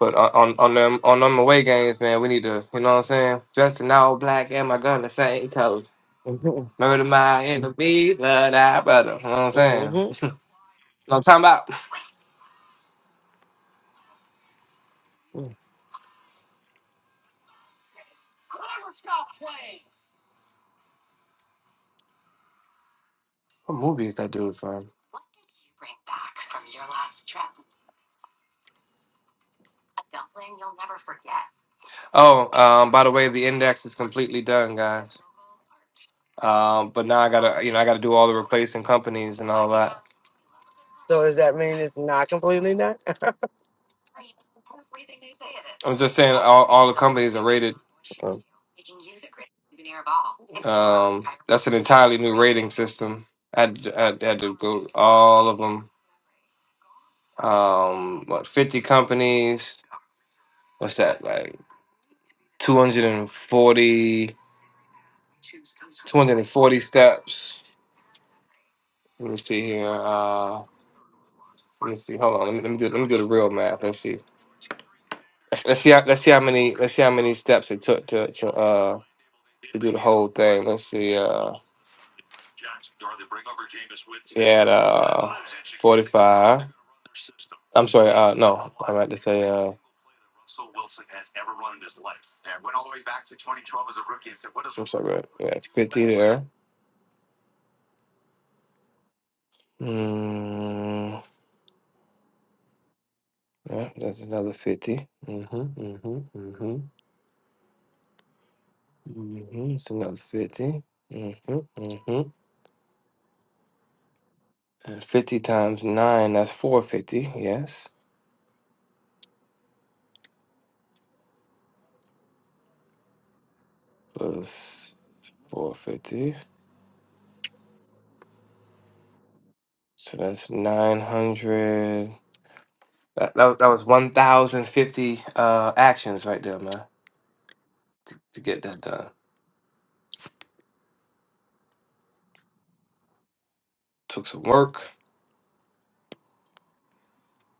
Speaker 4: But on on on them on them away games, man, we need to you know what I'm saying. Dressed in all black and my gun the same color. Murder my enemy, love thy brother. You know what I'm saying?
Speaker 2: Mm-hmm.
Speaker 4: No, I'm talking about
Speaker 2: hmm
Speaker 4: what movie is that dude from? Oh, um, by the way, the index is completely done, guys. Um, but now I gotta, you know, I gotta do all the replacing companies and all that.
Speaker 2: So does that mean it's not completely done?
Speaker 4: I'm just saying, all, all the companies are rated.
Speaker 2: okay.
Speaker 4: Um, that's an entirely new rating system. I had, I had had to go all of them. Um, what 50 companies? What's that like? 240. 240 steps. Let me see here. Uh, let me see. Hold on. Let me, let me do let me do the real math. Let's see. Let's, let's see. How, let's see how many. Let's see how many steps it took to to uh to do the whole thing. Let's see. Uh, he had uh 45. I'm sorry. Uh, no. I meant to say uh. I'm sorry. Yeah, 50 there. Hmm. Yeah, that's another 50. Mm-hmm, mm-hmm, mm-hmm, mm-hmm. It's another 50. Mm-hmm, mm-hmm. And 50 times 9, that's 450, yes. Plus 450. So that's 900. That, that, that was 1,050 uh, actions right there, man, to get that done. Took some work,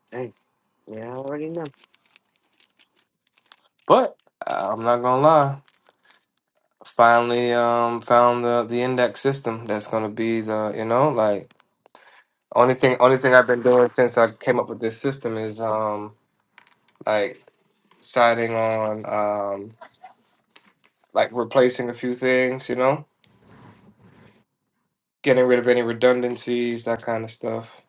Speaker 2: Hey, Yeah, I already know.
Speaker 4: but I'm not gonna lie. Finally, um, found the, the index system that's gonna be the, you know, like Only thing, only thing I've been doing since I came up with this system is um like siding on um like replacing a few things, you know, getting rid of any redundancies, that kind of stuff.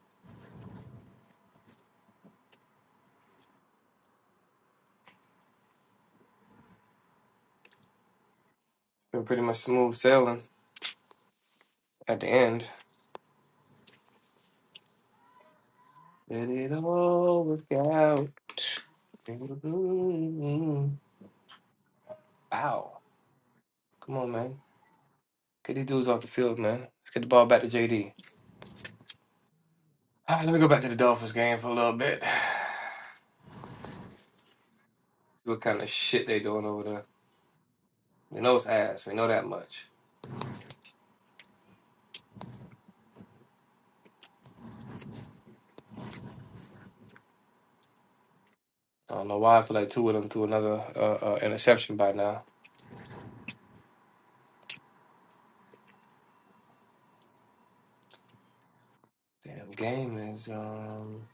Speaker 4: Been pretty much smooth sailing at the end. Did it all work out? Wow, come on, man, get these dudes off the field, man. Let's get the ball back to JD. All right, let me go back to the Dolphins game for a little bit. See what kind of shit they doing over there. We know it's ass. We know that much. I don't know why. I feel like two of them threw another uh, uh, interception by now. Damn game is um.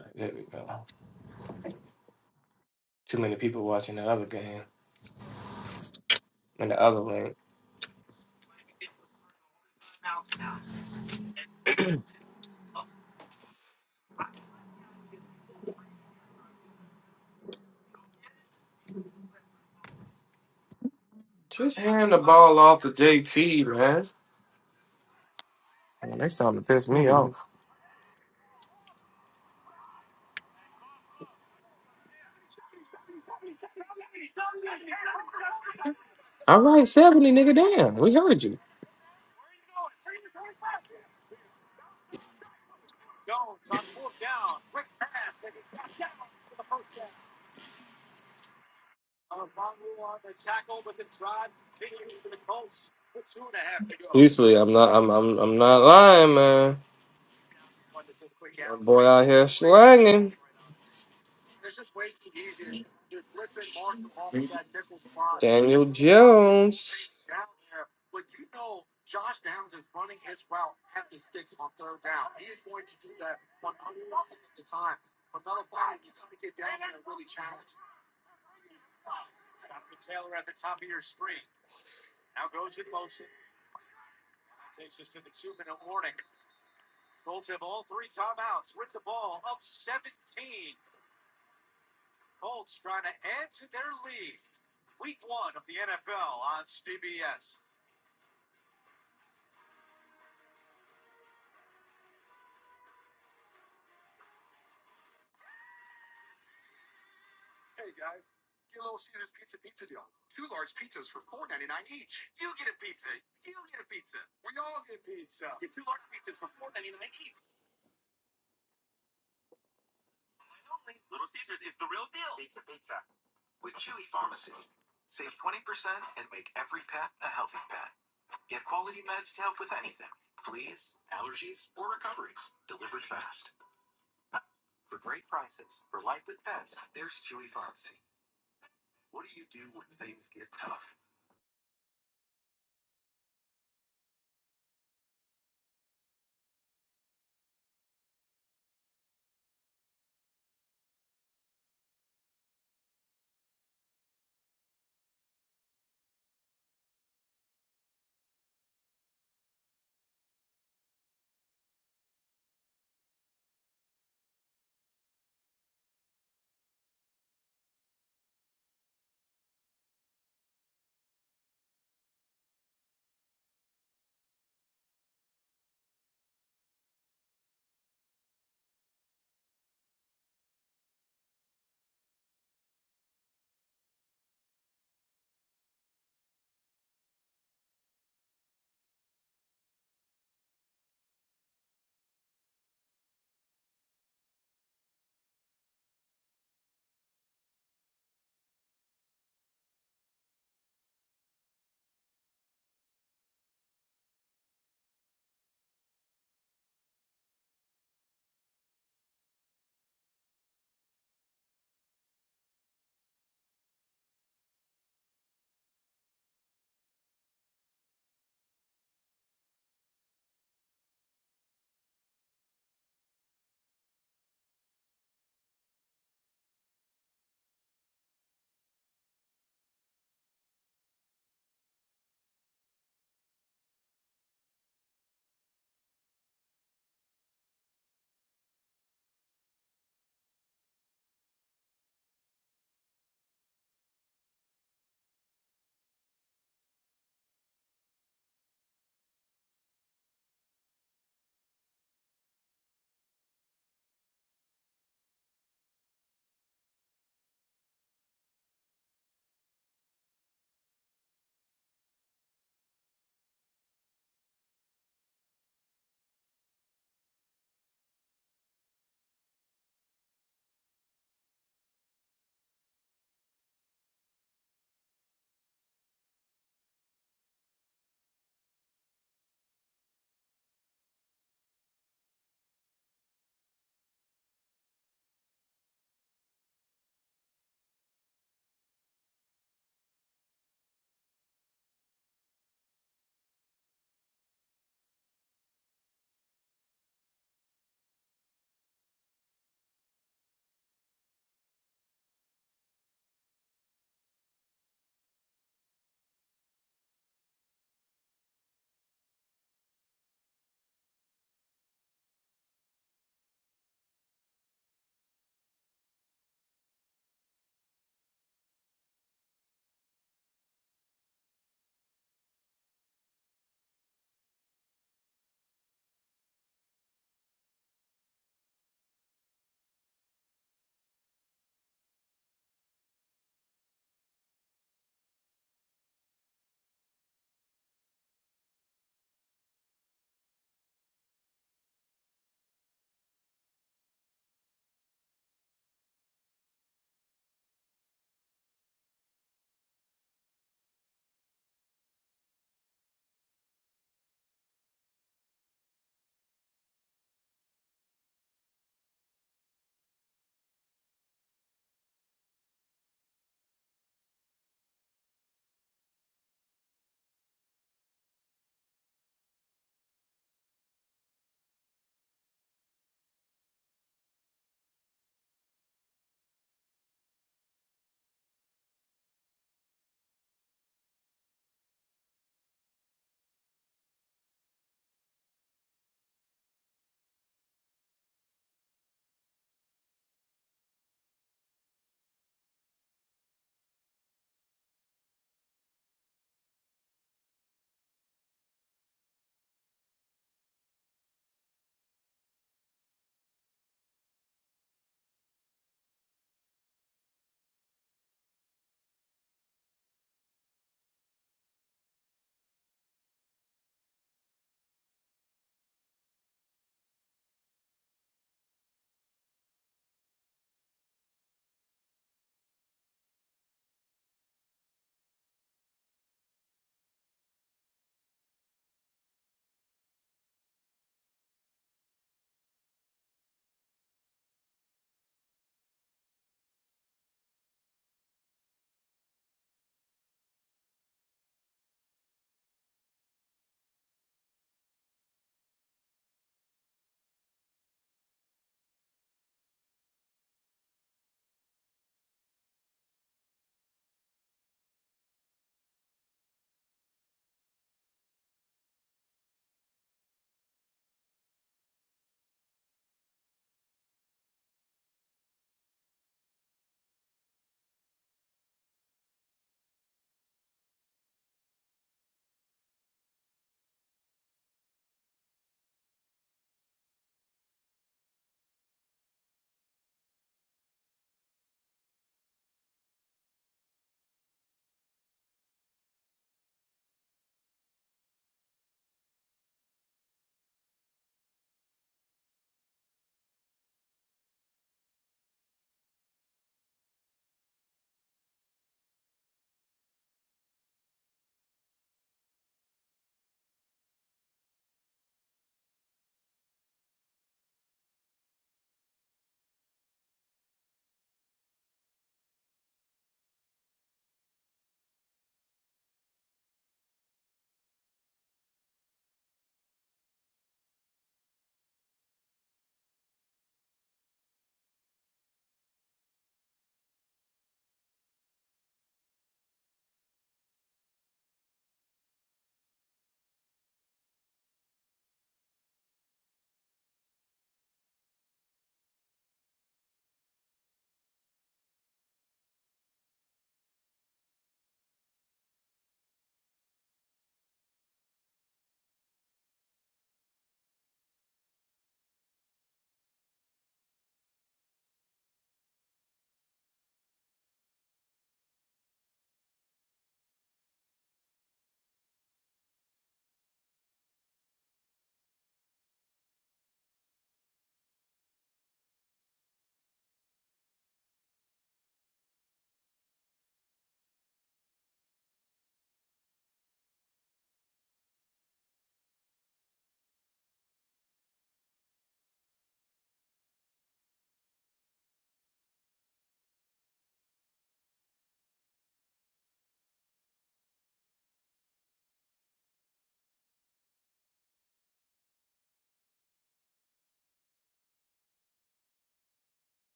Speaker 4: right, There we go. Too many people watching that other game and the other one. Just hand the ball off to JT, man. Man, They starting to piss me off. All right, seventy, nigga. Damn, we heard you. Usually, I'm not. I'm. I'm. I'm not lying, man. That boy out here slanging. Daniel Jones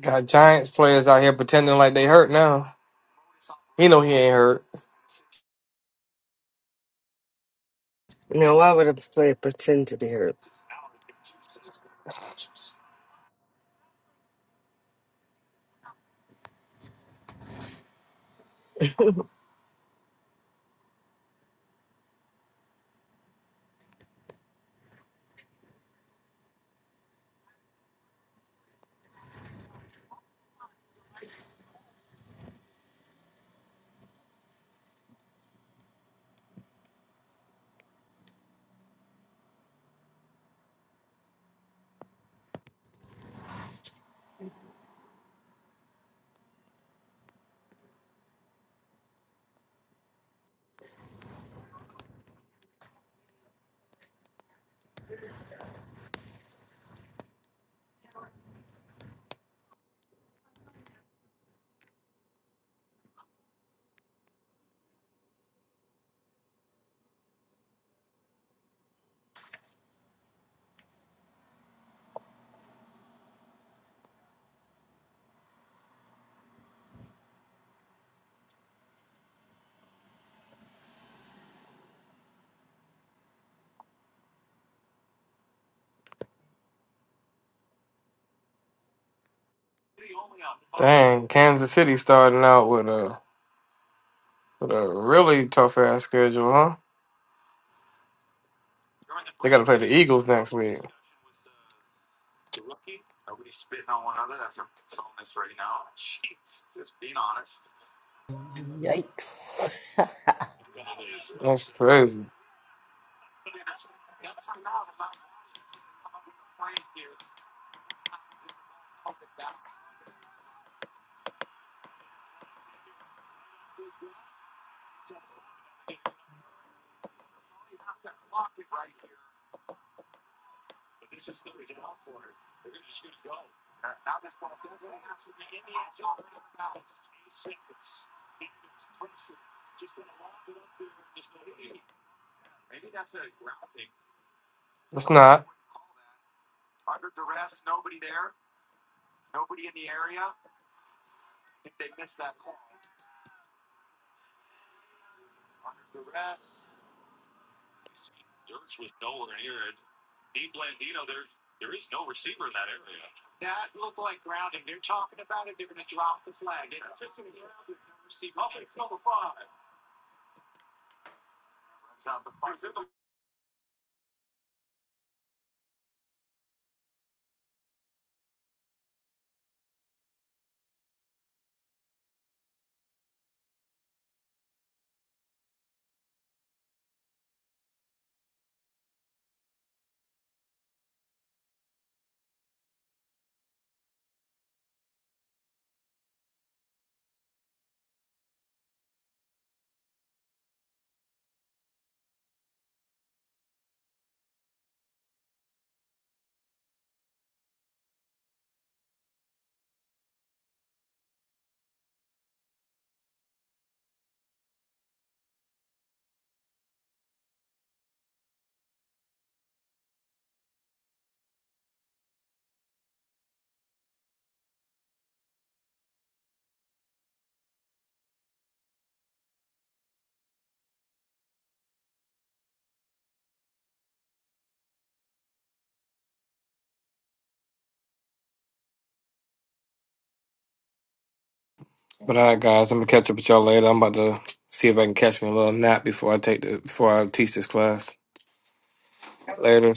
Speaker 4: got Giants players out here pretending like they hurt now. He know he ain't hurt.
Speaker 2: No, Now, why would a player pretend to be hurt?
Speaker 4: Dang, Kansas City starting out with a with a really tough ass schedule, huh? They got to play the Eagles next week.
Speaker 1: Yikes.
Speaker 4: That's crazy. It's not. But all right, guys, I'm gonna catch up with y'all later. I'm about to see if I can catch me a little nap before I take the before I teach this class. Later.